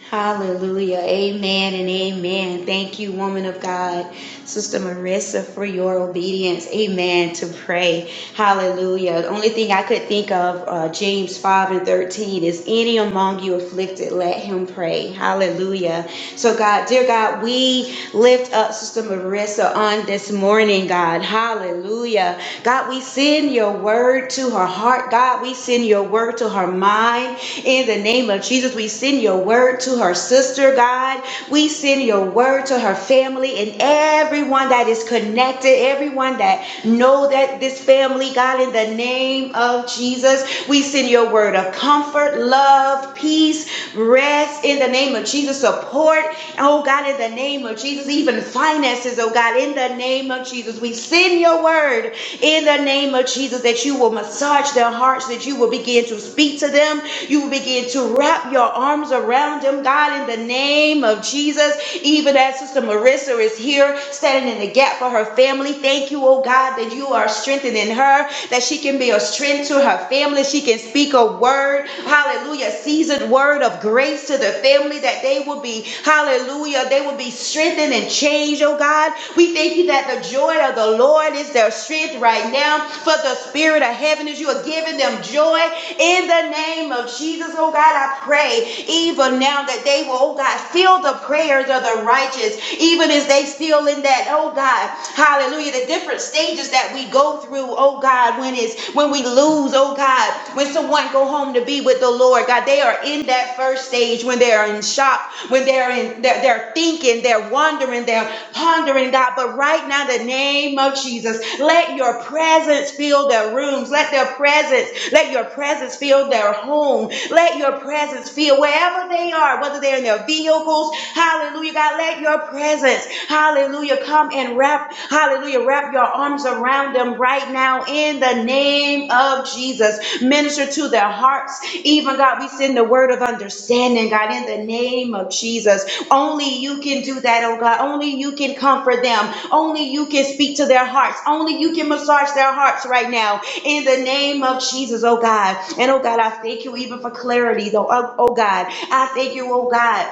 Hallelujah. Amen and amen. Thank you, woman of God. Sister Marissa, for your obedience. Amen. To pray. Hallelujah. The only thing I could think of, uh, James 5 and 13, is any among you afflicted, let him pray. Hallelujah. So, God, dear God, we lift up Sister Marissa on this morning, God. Hallelujah. God, we send your word to her heart. God, we send your word to her mind. In the name of Jesus, we send your word to her sister, God. We send your word to her family family and everyone that is connected, everyone that know that this family, God, in the name of Jesus, we send your word of comfort, love, peace, rest in the name of Jesus, support, oh God, in the name of Jesus, even finances, oh God, in the name of Jesus. We send your word in the name of Jesus that you will massage their hearts, that you will begin to speak to them, you will begin to wrap your arms around them, God, in the name of Jesus, even as Sister Marissa is here standing in the gap for her family. Thank you, oh God, that you are strengthening her, that she can be a strength to her family. She can speak a word, hallelujah, seasoned word of grace to the family that they will be, hallelujah, they will be strengthened and changed, oh God. We thank you that the joy of the Lord is their strength right now, for the spirit of heaven is you are giving them joy in the name of Jesus, oh God. I pray even now that they will, oh God, feel the prayers of of the righteous, even as they still in that, oh God, hallelujah, the different stages that we go through, oh God, when it's when we lose, oh God, when someone go home to be with the Lord, God, they are in that first stage when they are in shock, when they're in they're, they're thinking, they're wondering, they're pondering, God. But right now, the name of Jesus, let your presence fill their rooms, let their presence, let your presence fill their home, let your presence fill wherever they are, whether they're in their vehicles, host. Hallelujah, God. Let your presence, hallelujah, come and wrap, hallelujah, wrap your arms around them right now in the name of Jesus. Minister to their hearts. Even, God, we send the word of understanding, God, in the name of Jesus. Only you can do that, oh God. Only you can comfort them. Only you can speak to their hearts. Only you can massage their hearts right now in the name of Jesus, oh God. And oh God, I thank you even for clarity, though, oh oh God. I thank you, oh God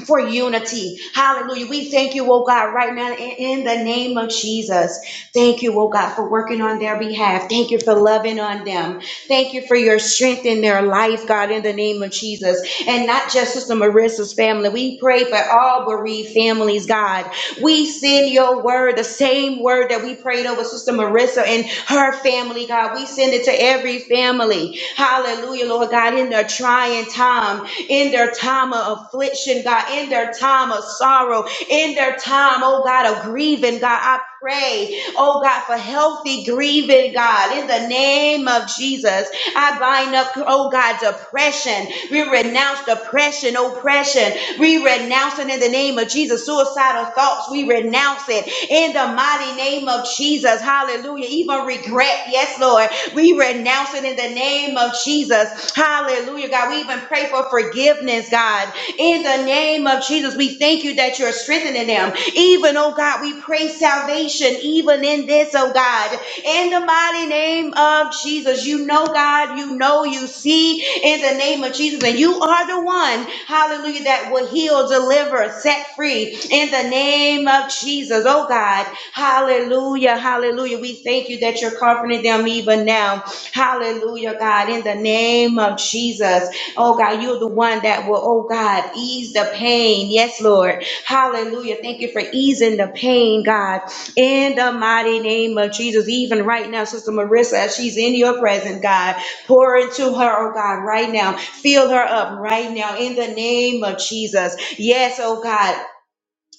for unity. Hallelujah. We thank you, oh God, right now in in the name of Jesus. Thank you, oh God, for working on their behalf. Thank you for loving on them. Thank you for your strength in their life, God, in the name of Jesus. And not just Sister Marissa's family. We pray for all bereaved families, God. We send your word, the same word that we prayed over Sister Marissa and her family, God. We send it to every family. Hallelujah, Lord God, in their trying time in their time of affliction, God, in their time of sorrow, in their time, oh God, of grieving, God. I pray, oh God, for healthy grieving, God, in the name of Jesus. I bind up, oh God, depression. We renounce depression, oppression. We renounce it in the name of Jesus. Suicidal thoughts, we renounce it in the mighty name of Jesus. Hallelujah. Even regret, yes, Lord. We renounce it in the name of Jesus. Jesus. Hallelujah, God. We even pray for forgiveness, God. In the name of Jesus, we thank you that you're strengthening them. Even, oh God, we pray salvation even in this, oh God. In the mighty name of Jesus, you know, God, you know, you see in the name of Jesus, and you are the one, hallelujah, that will heal, deliver, set free in the name of Jesus, oh God. Hallelujah, hallelujah. We thank you that you're comforting them even now Hallelujah, God, in the name of Jesus. Oh, God, you're the one that will, oh, God, ease the pain. Yes, Lord. Hallelujah. Thank you for easing the pain, God, in the mighty name of Jesus. Even right now, Sister Marissa, as she's in your presence, God, pour into her, oh, God, right now. Fill her up right now in the name of Jesus. Yes, oh, God,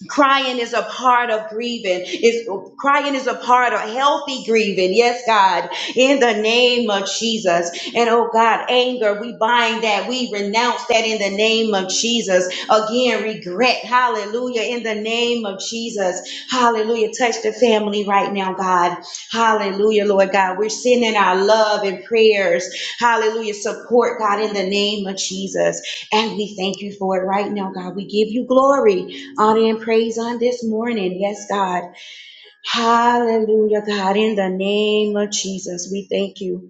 Crying is a part of grieving. Is crying is a part of healthy grieving. Yes, God, in the name of Jesus. And oh God, anger, we bind that. We renounce that in the name of Jesus. Again, regret. Hallelujah. In the name of Jesus. Hallelujah. Touch the family right now, God. Hallelujah, Lord God. We're sending our love and prayers. Hallelujah. Support, God, in the name of Jesus. And we thank you for it right now, God. We give you glory honor and praise on this morning. Yes, God. Hallelujah, God. In the name of Jesus, we thank you.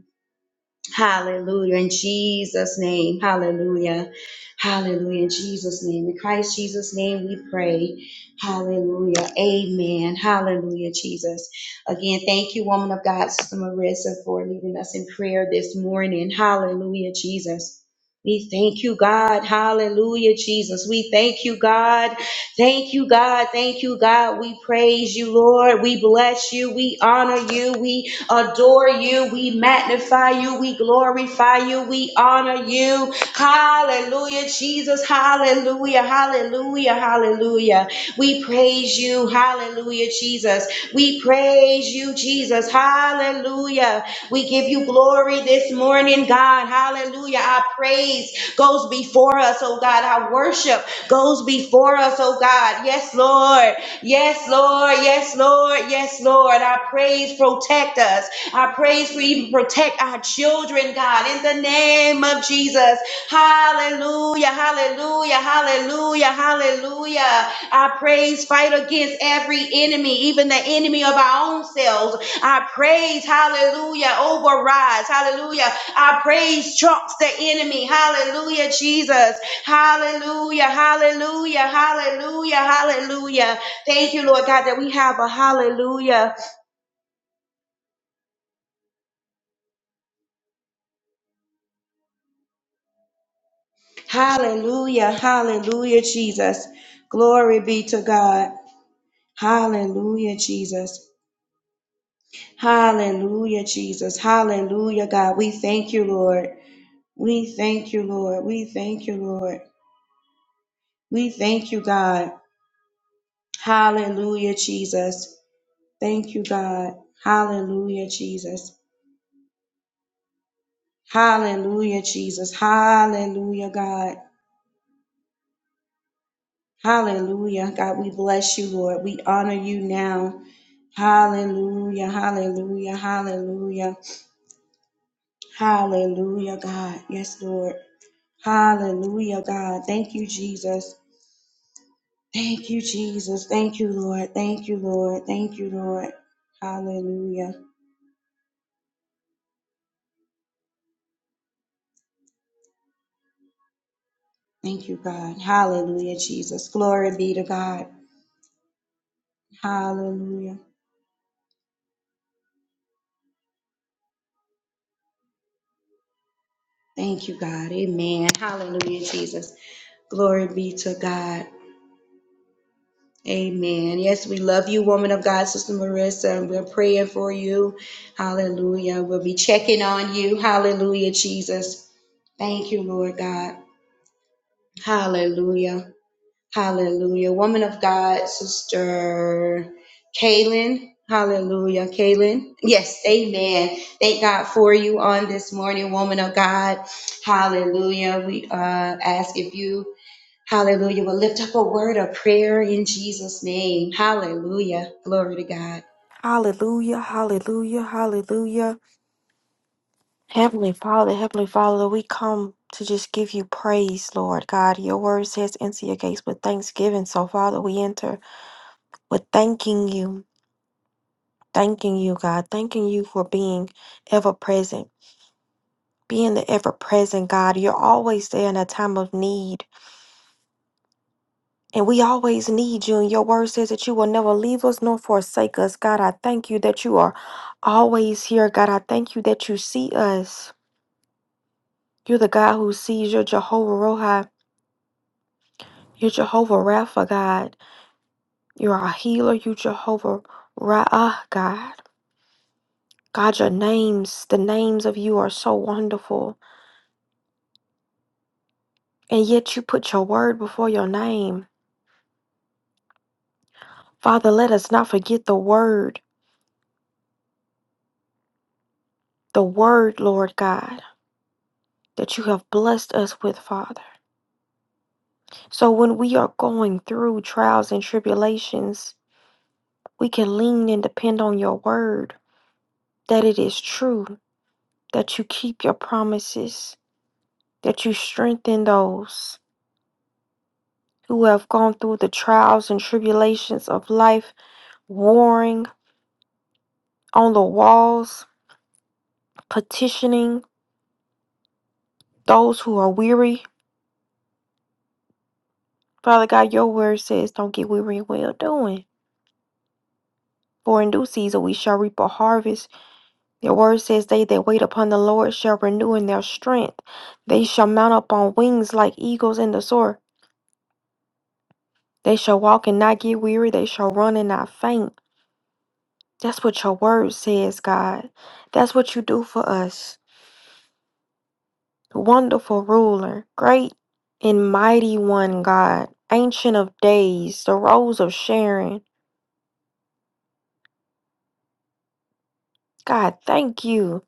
Hallelujah. In Jesus' name. Hallelujah. Hallelujah. In Jesus' name. In Christ Jesus' name we pray. Hallelujah. Amen. Hallelujah, Jesus. Again, thank you, woman of God, Sister Marissa, for leading us in prayer this morning. Hallelujah, Jesus. We thank you, God. Hallelujah, Jesus. We thank you, God. Thank you, God. Thank you, God. We praise you, Lord. We bless you. We honor you. We adore you, we magnify you, we glorify you, we honor you. Hallelujah, Jesus, hallelujah, hallelujah, hallelujah. We praise you, hallelujah, Jesus. We praise you, Jesus, hallelujah. We give you glory this morning, God, hallelujah. Our praise goes before us, oh God. Our worship goes before us, oh God. Yes, Lord. Yes, Lord. Yes, Lord. Yes, Lord. I praise protect us. I praise for even protect our children, God, in the name of Jesus. Hallelujah. Hallelujah. Hallelujah. Hallelujah. I praise fight against every enemy, even the enemy of our own selves. I praise, hallelujah, overrides, hallelujah. I praise trumps the enemy, hallelujah, Jesus, hallelujah, hallelujah, hallelujah, hallelujah. Thank you, Lord God, that we have a hallelujah, hallelujah, hallelujah, Jesus. Glory be to God, hallelujah, Jesus, hallelujah, Jesus, hallelujah, God. We thank you, Lord. We thank you, Lord. We thank you, Lord. We thank you, God. Hallelujah, Jesus. Thank you, God. Hallelujah, Jesus. Hallelujah, Jesus. Hallelujah, God. Hallelujah. God, we bless you, Lord. We honor you now. Hallelujah, hallelujah, hallelujah. Hallelujah, God. Yes, Lord. Hallelujah, God. Thank you, Jesus. Thank you, Jesus. Thank you, Lord. Thank you, Lord. Thank you, Lord. Hallelujah. Thank you, God. Hallelujah, Jesus. Glory be to God. Hallelujah. Thank you, God. Amen. Hallelujah, Jesus. Glory be to God. Amen. Yes, we love you, woman of God, Sister Marissa, and we're praying for you. Hallelujah. We'll be checking on you. Hallelujah, Jesus. Thank you, Lord God. Hallelujah. Hallelujah. Woman of God, Sister Kaylin. Hallelujah. Kaylin. Yes, amen. Thank God for you on this morning, woman of God. Hallelujah. We uh, ask if you, hallelujah, will lift up a word of prayer in Jesus' name. Hallelujah. Glory to God.
Hallelujah, hallelujah, hallelujah. Heavenly Father, Heavenly Father, we come to just give you praise, Lord God. Your word says, enter your gates with thanksgiving. So, Father, we enter with thanking you, thanking you, God, thanking you for being ever present, being the ever present God. You're always there in a time of need, and we always need you. And your word says that you will never leave us nor forsake us. God, I thank you that you are always here. God, I thank you that you see us. You're the God who sees. You're Jehovah Rohi. You're Jehovah Rapha, God. You're our healer. You're Jehovah Ra'ah, God. God, your names, the names of you are so wonderful. And yet you put your word before your name. Father, let us not forget the word, the word, Lord God, that you have blessed us with, Father. So when we are going through trials and tribulations, we can lean and depend on your word, that it is true, that you keep your promises that you strengthen those who have gone through the trials and tribulations of life, warring on the walls, petitioning those who are weary. Father God, your word says, Don't get weary in well doing. For in due season we shall reap a harvest. Your word says, They that wait upon the Lord shall renew in their strength. They shall mount up on wings like eagles in the soar. They shall walk and not get weary. They shall run and not faint. That's what your word says, God. That's what you do for us. Wonderful ruler, great and mighty one, God. Ancient of days, the rose of Sharon. God, thank you.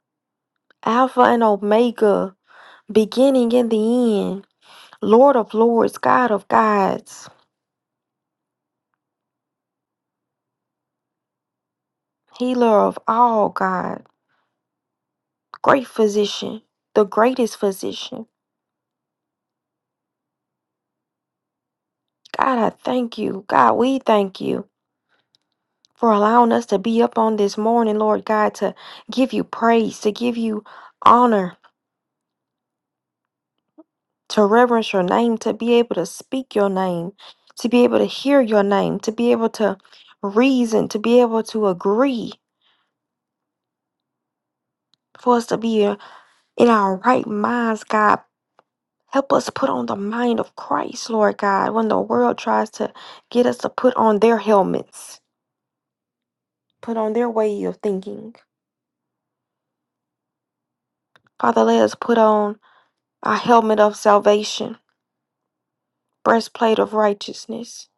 Alpha and Omega, beginning and the end. Lord of lords, God of gods, healer of all, God. Great physician, the greatest physician. God, I thank you. God, we thank you. for allowing us to be up on this morning, Lord God, to give you praise, to give you honor, to reverence your name, to be able to speak your name, to be able to hear your name, to be able to reason, to be able to agree, for us to be uh, in our right minds, God. Help us put on the mind of Christ, Lord God, when the world tries to get us to put on their helmets, put on their way of thinking. Father, let us put on a helmet of salvation breastplate of righteousness,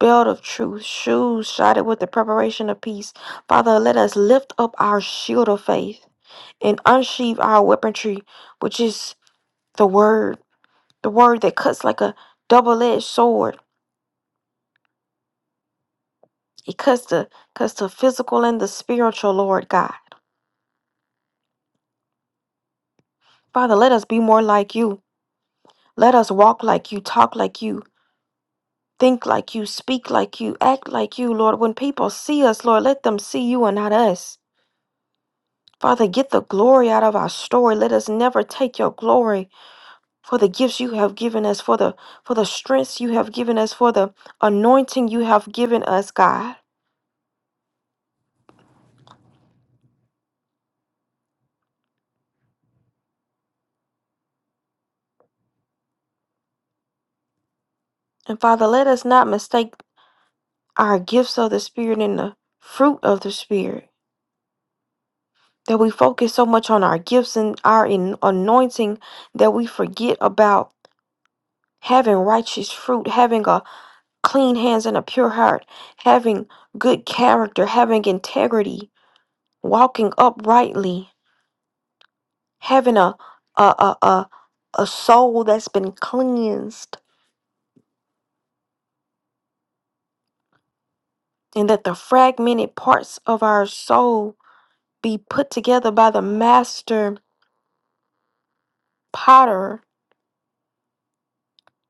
belt of truth, shoes shodded with the preparation of peace. Father, let us lift up our shield of faith and unsheathe our weaponry, which is the word, the word that cuts like a double-edged sword. It cuts the cuts the physical and the spiritual, Lord God. Father, let us be more like you. Let us walk like you, talk like you, think like you, speak like you, act like you, Lord. When people see us, Lord, let them see you and not us. Father, get the glory out of our story. Let us never take your glory for the gifts you have given us, for the for the strengths you have given us, for the anointing you have given us, God. And Father, let us not mistake our gifts of the Spirit and the fruit of the Spirit. That we focus so much on our gifts and our in- anointing that we forget about having righteous fruit, having a clean hands and a pure heart, having good character, having integrity, walking uprightly, having a a a a, a soul that's been cleansed and that the fragmented parts of our soul be put together by the master potter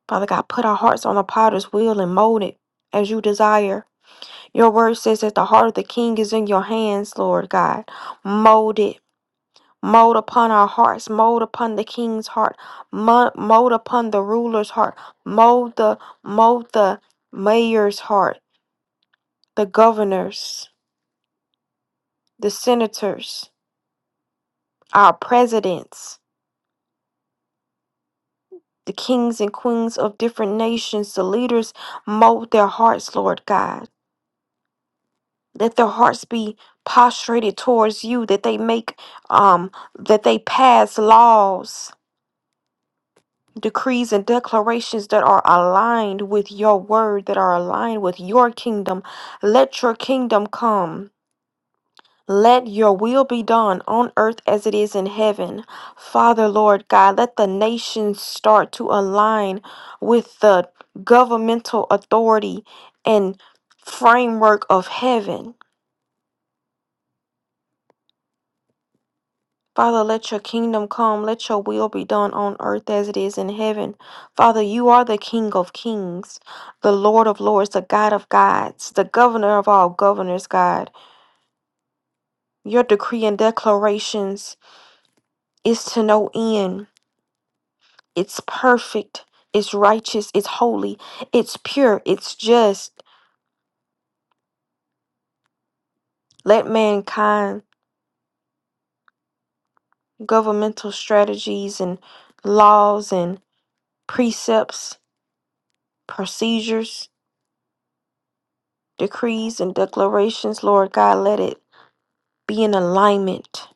father god put our hearts on the potter's wheel and mold it as you desire your word says that the heart of the king is in your hands lord god mold it mold upon our hearts mold upon the king's heart mo- mold upon the ruler's heart mold the mold the mayor's heart the governors, the senators, our presidents, the kings and queens of different nations, the leaders, mold their hearts, Lord God. Let their hearts be prostrated towards you, that they make, um, that they pass laws, decrees, and declarations that are aligned with your word, that are aligned with your kingdom. Let your kingdom come. Let your will be done on earth as it is in heaven. Father, Lord God, let the nations start to align with the governmental authority and framework of heaven. Father, let your kingdom come. Let your will be done on earth as it is in heaven. Father, you are the King of kings, the Lord of lords, the God of gods, the governor of all governors, God. Your decree and declarations is to no end. It's perfect, it's righteous, it's holy, it's pure, it's just. Let mankind, governmental strategies and laws and precepts, procedures, decrees, and declarations, Lord God, let it be in alignment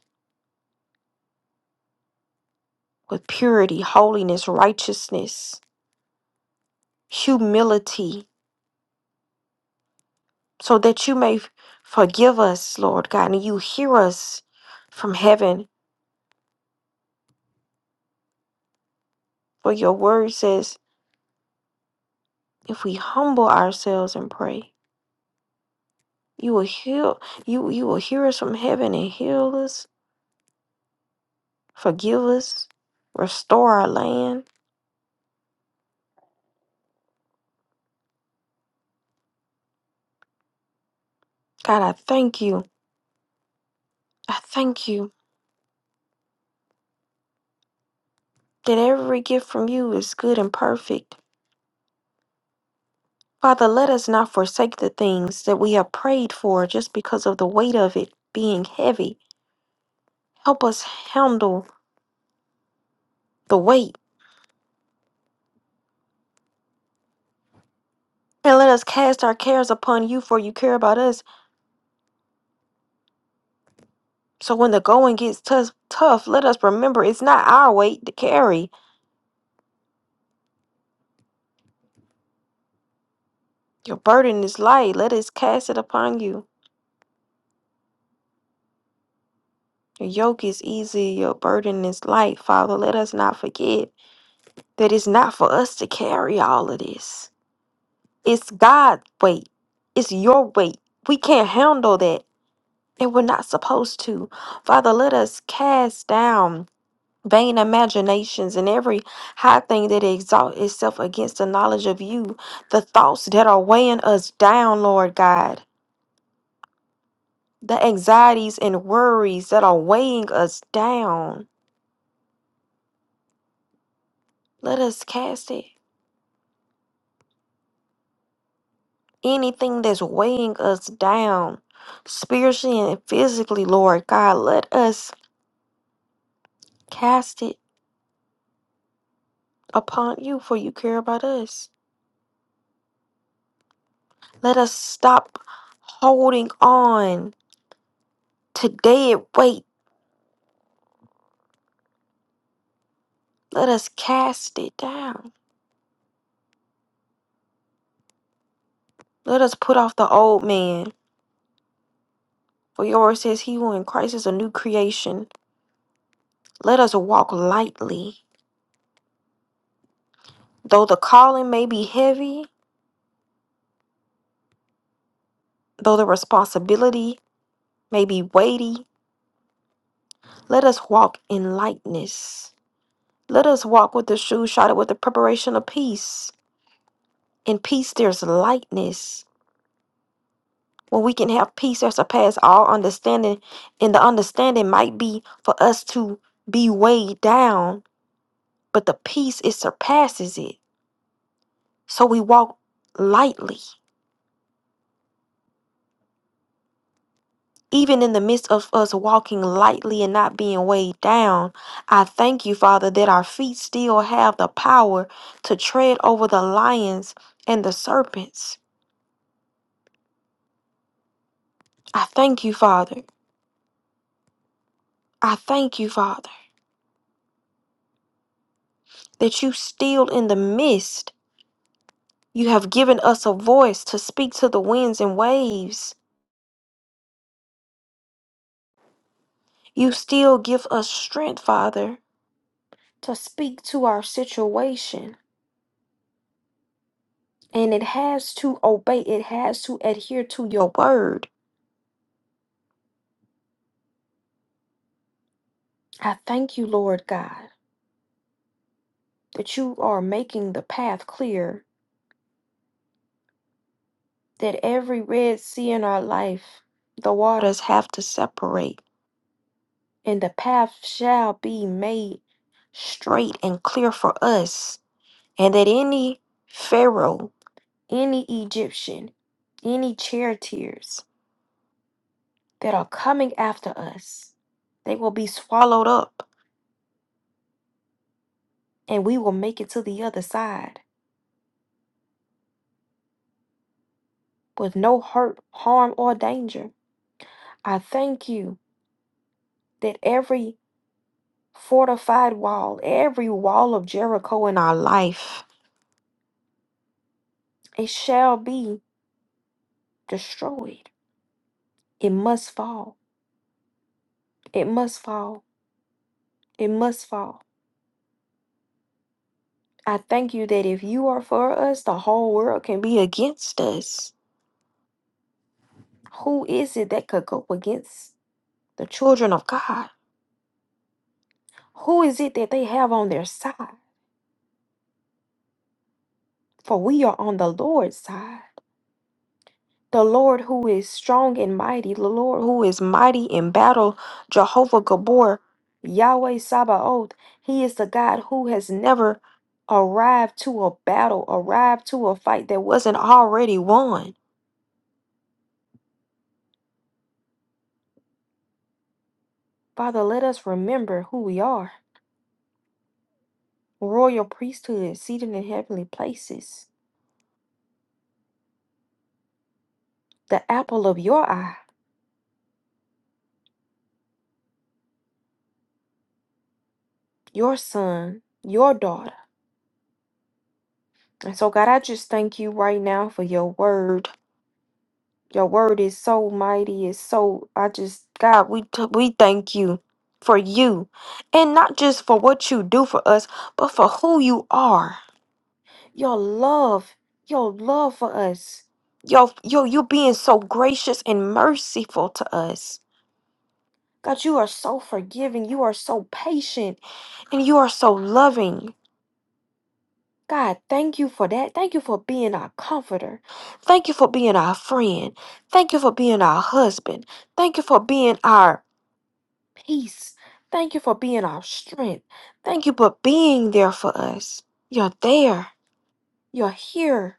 with purity, holiness, righteousness, humility, so that you may forgive us, Lord God, and you hear us from heaven. For your word says, if we humble ourselves and pray, you will heal you you will hear us from heaven and heal us, forgive us, restore our land. God, I thank you. I thank you that every gift from you is good and perfect. Father, let us not forsake the things that we have prayed for just because of the weight of it being heavy. Help us handle the weight. And let us cast our cares upon you, for you care about us. So when the going gets tough, tough, let us remember it's not our weight to carry. Your burden is light. Let us cast it upon you. Your yoke is easy. Your burden is light, Father. Let us not forget that it's not for us to carry all of this. It's God's weight. It's your weight. We can't handle that. And we're not supposed to. Father, let us cast down. vain imaginations and every high thing that exalts itself against the knowledge of you, the thoughts that are weighing us down, Lord God, the anxieties and worries that are weighing us down. Let us cast it. Anything that's weighing us down, spiritually and physically, Lord God, let us cast it upon you, for you care about us. Let us stop holding on to dead weight Let us cast it down. Let us put off the old man. For your word says, He who in Christ is a new creation. Let us walk lightly. Though the calling may be heavy, though the responsibility may be weighty, let us walk in lightness. Let us walk with the shoes shod with the preparation of peace. In peace, there's lightness. When we can have peace that surpasses all understanding, and the understanding might be for us to be weighed down but the peace it surpasses it so we walk lightly even in the midst of us walking lightly and not being weighed down i thank you father that our feet still have the power to tread over the lions and the serpents i thank you father i thank you father that you still in the midst you have given us a voice to speak to the winds and waves you still give us strength father to speak to our situation and it has to obey, it has to adhere to your word. I thank you, Lord God, that you are making the path clear, that every Red Sea in our life, the waters have to separate, and the path shall be made straight and clear for us, and that any Pharaoh, any Egyptian, any charioteers that are coming after us, they will be swallowed up, and we will make it to the other side. with no hurt, harm, or danger. I thank you that every fortified wall, every wall of Jericho in our life, it shall be destroyed. It must fall. It must fall. It must fall. I thank you that if you are for us, the whole world can be against us. Who is it that could go against the children of God? Who is it that they have on their side? For we are on the Lord's side. The Lord who is strong and mighty, the Lord who is mighty in battle, Jehovah Gabor, Yahweh Sabaoth, he is the God who has never arrived to a battle, arrived to a fight that wasn't already won. Father, let us remember who we are royal priesthood, seated in heavenly places, the apple of your eye, your son, your daughter. And so, God, I just thank you right now for your word. Your word is so mighty. It's so I just God, we t- we thank you for you, and not just for what you do for us, but for who you are. Your love, your love for us. Your your you being so gracious and merciful to us. God, you are so forgiving. You are so patient, and you are so loving. God, thank you for that. Thank you for being our comforter. Thank you for being our friend. Thank you for being our husband. Thank you for being our peace. Thank you for being our strength. Thank you for being there for us. You're there. You're here.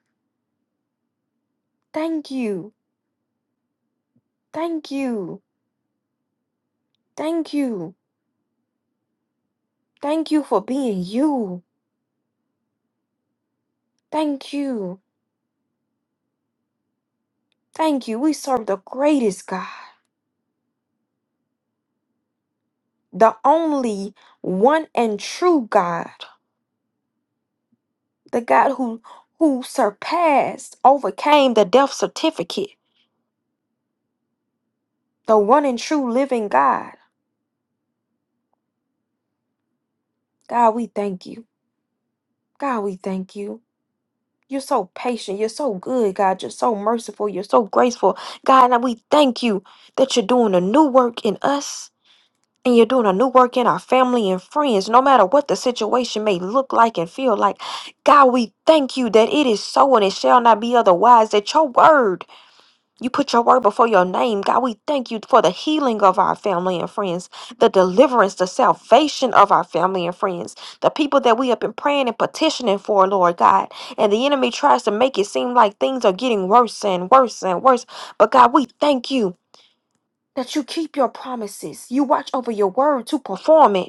Thank you. Thank you. Thank you. Thank you for being you. Thank you. Thank you. We serve the greatest God, the only one and true God. the God who who surpassed, overcame the death certificate, the one and true living God. God, we thank you. God, we thank you. You're so patient. You're so good, God. You're so merciful. You're so graceful. God, and we thank you that you're doing a new work in us and you're doing a new work in our family and friends, no matter what the situation may look like and feel like. God, we thank you that it is so and it shall not be otherwise, that your word You put your word before your name, God. We thank you for the healing of our family and friends, the deliverance, the salvation of our family and friends, the people that we have been praying and petitioning for, Lord God. And the enemy tries to make it seem like things are getting worse and worse and worse. But God, we thank you that you keep your promises. You watch over your word to perform it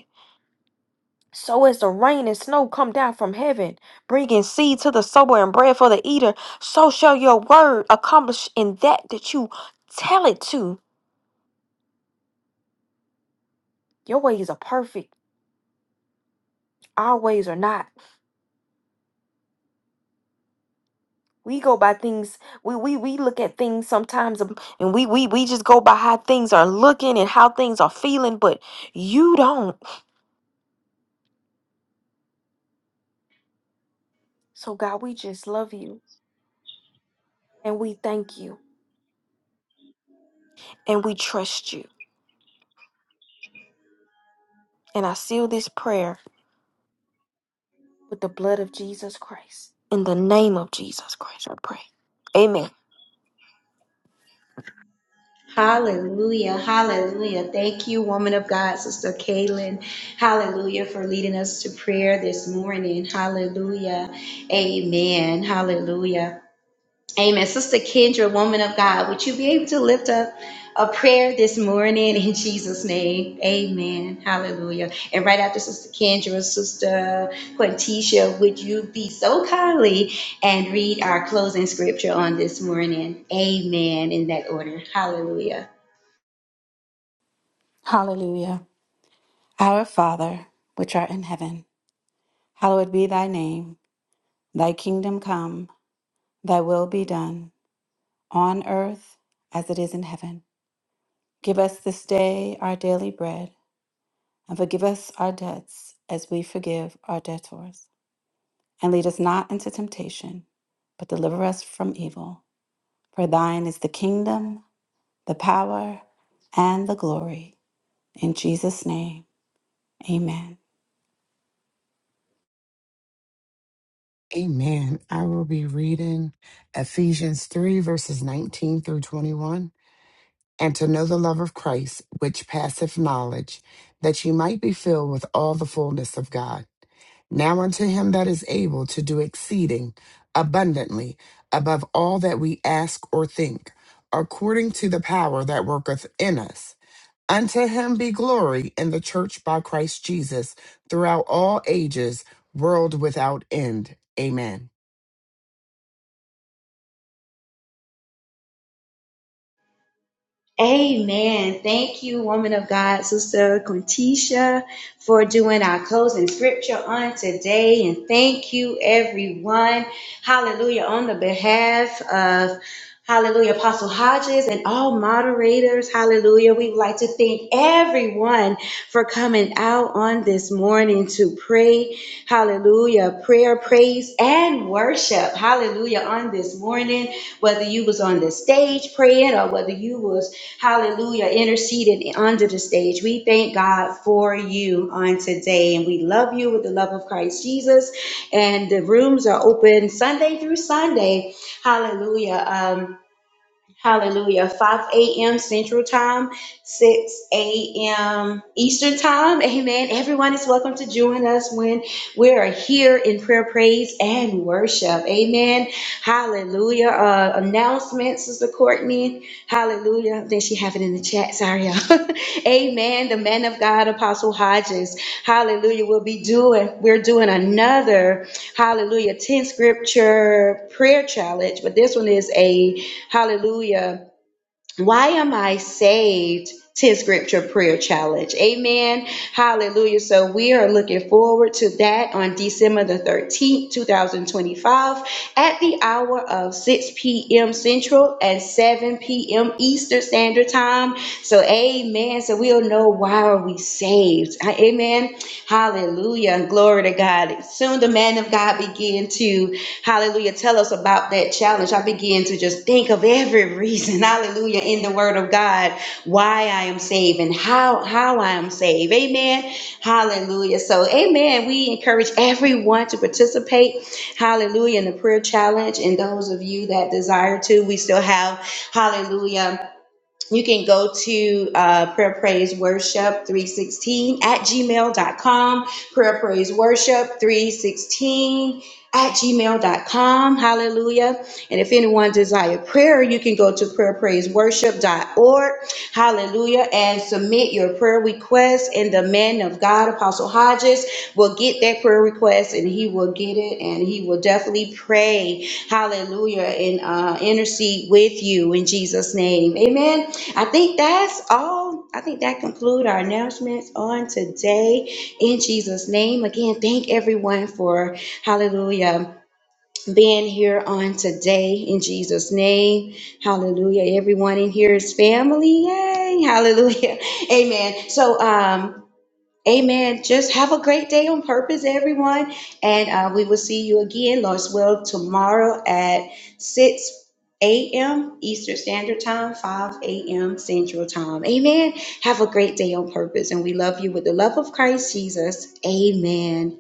so as the rain and snow come down from heaven, bringing seed to the sower and bread for the eater, so shall your word accomplish in that that you tell it to. Your ways are perfect, our ways are not. We go by things. We we we look at things sometimes, um, and we we we just go by how things are looking and how things are feeling, but you don't. So God, we just love you and we thank you and we trust you. And I seal this prayer with the blood of Jesus Christ. In the name of Jesus Christ, I pray. Amen.
Hallelujah. Hallelujah. Thank you, woman of God, Sister Kaylin. Hallelujah for leading us to prayer this morning. Hallelujah. Amen. Hallelujah. Amen. Sister Kendra, woman of God, would you be able to lift up a prayer this morning in Jesus' name? Amen. Hallelujah. And right after Sister Kendra, Sister Quintisha, would you be so kindly and read our closing scripture on this morning? Amen. In that order. Hallelujah.
Hallelujah. Our Father, which art in heaven, hallowed be thy name. Thy kingdom come, thy will be done, on earth as it is in heaven. Give us this day our daily bread, and forgive us our debts as we forgive our debtors. And lead us not into temptation, but deliver us from evil. For thine is the kingdom, the power, and the glory. In Jesus' name, amen.
Amen. I will be reading Ephesians 3, verses 19 through 21. And to know the love of Christ, which passeth knowledge, that ye might be filled with all the fullness of God. Now unto him that is able to do exceeding abundantly above all that we ask or think, according to the power that worketh in us. Unto him be glory in the church by Christ Jesus throughout all ages, world without end. Amen.
Amen. Thank you, woman of God, Sister Quintisha, for doing our closing scripture on today. And thank you, everyone. Hallelujah. On the behalf of Hallelujah. Apostle Hodges and all moderators. Hallelujah. We'd like to thank everyone for coming out on this morning to pray. Hallelujah. Prayer, praise, and worship. Hallelujah. On this morning, whether you was on the stage praying or whether you was, hallelujah, interceding under the stage, we thank God for you on today. And we love you with the love of Christ Jesus. And the rooms are open Sunday through Sunday. Hallelujah. Um, Hallelujah. 5 a.m. Central Time, 6 a.m. Eastern Time. Amen. Everyone is welcome to join us when we are here in prayer, praise, and worship. Amen. Hallelujah. Uh, announcements, Sister Courtney. Hallelujah. Then she have it in the chat. Sorry, y'all. Amen. The man of God, Apostle Hodges. Hallelujah. We'll be doing, we're doing another, hallelujah, 10 scripture prayer challenge. But this one is a, hallelujah, why am I saved? 10 scripture prayer challenge. Amen. Hallelujah. So we are looking forward to that on December the 13th, 2025 at the hour of 6 p.m. Central and 7 p.m. Eastern Standard Time. So amen. So we'll know why are we saved. Amen. Hallelujah. Glory to God. Soon the man of God began to, hallelujah, tell us about that challenge. I began to just think of every reason, hallelujah, in the word of God, why I am saved and how, how I am saved. Amen. Hallelujah. So, amen. We encourage everyone to participate, hallelujah, in the prayer challenge. And those of you that desire to, we still have, hallelujah. You can go to uh, prayer praise worship 316 at gmail.com, prayer praise worship 316 at gmail.com. Hallelujah. And if anyone desire prayer, you can go to prayerpraiseworship.org Hallelujah. And submit your prayer request, and the man of God, Apostle Hodges, will get that prayer request and he will get it and he will definitely pray. Hallelujah. And uh, intercede with you in Jesus' name. Amen. I think that's all. I think that concludes our announcements on today in Jesus' name. Again, thank everyone for hallelujah being here on today in Jesus' name. Hallelujah. Everyone in here is family. Yay. Hallelujah. Amen. So, um, Amen. Just have a great day on purpose, everyone. And uh, we will see you again, Lord's will, tomorrow at 6 a.m. Eastern Standard Time, 5 a.m. Central Time. Amen. Have a great day on purpose. And we love you with the love of Christ Jesus. Amen.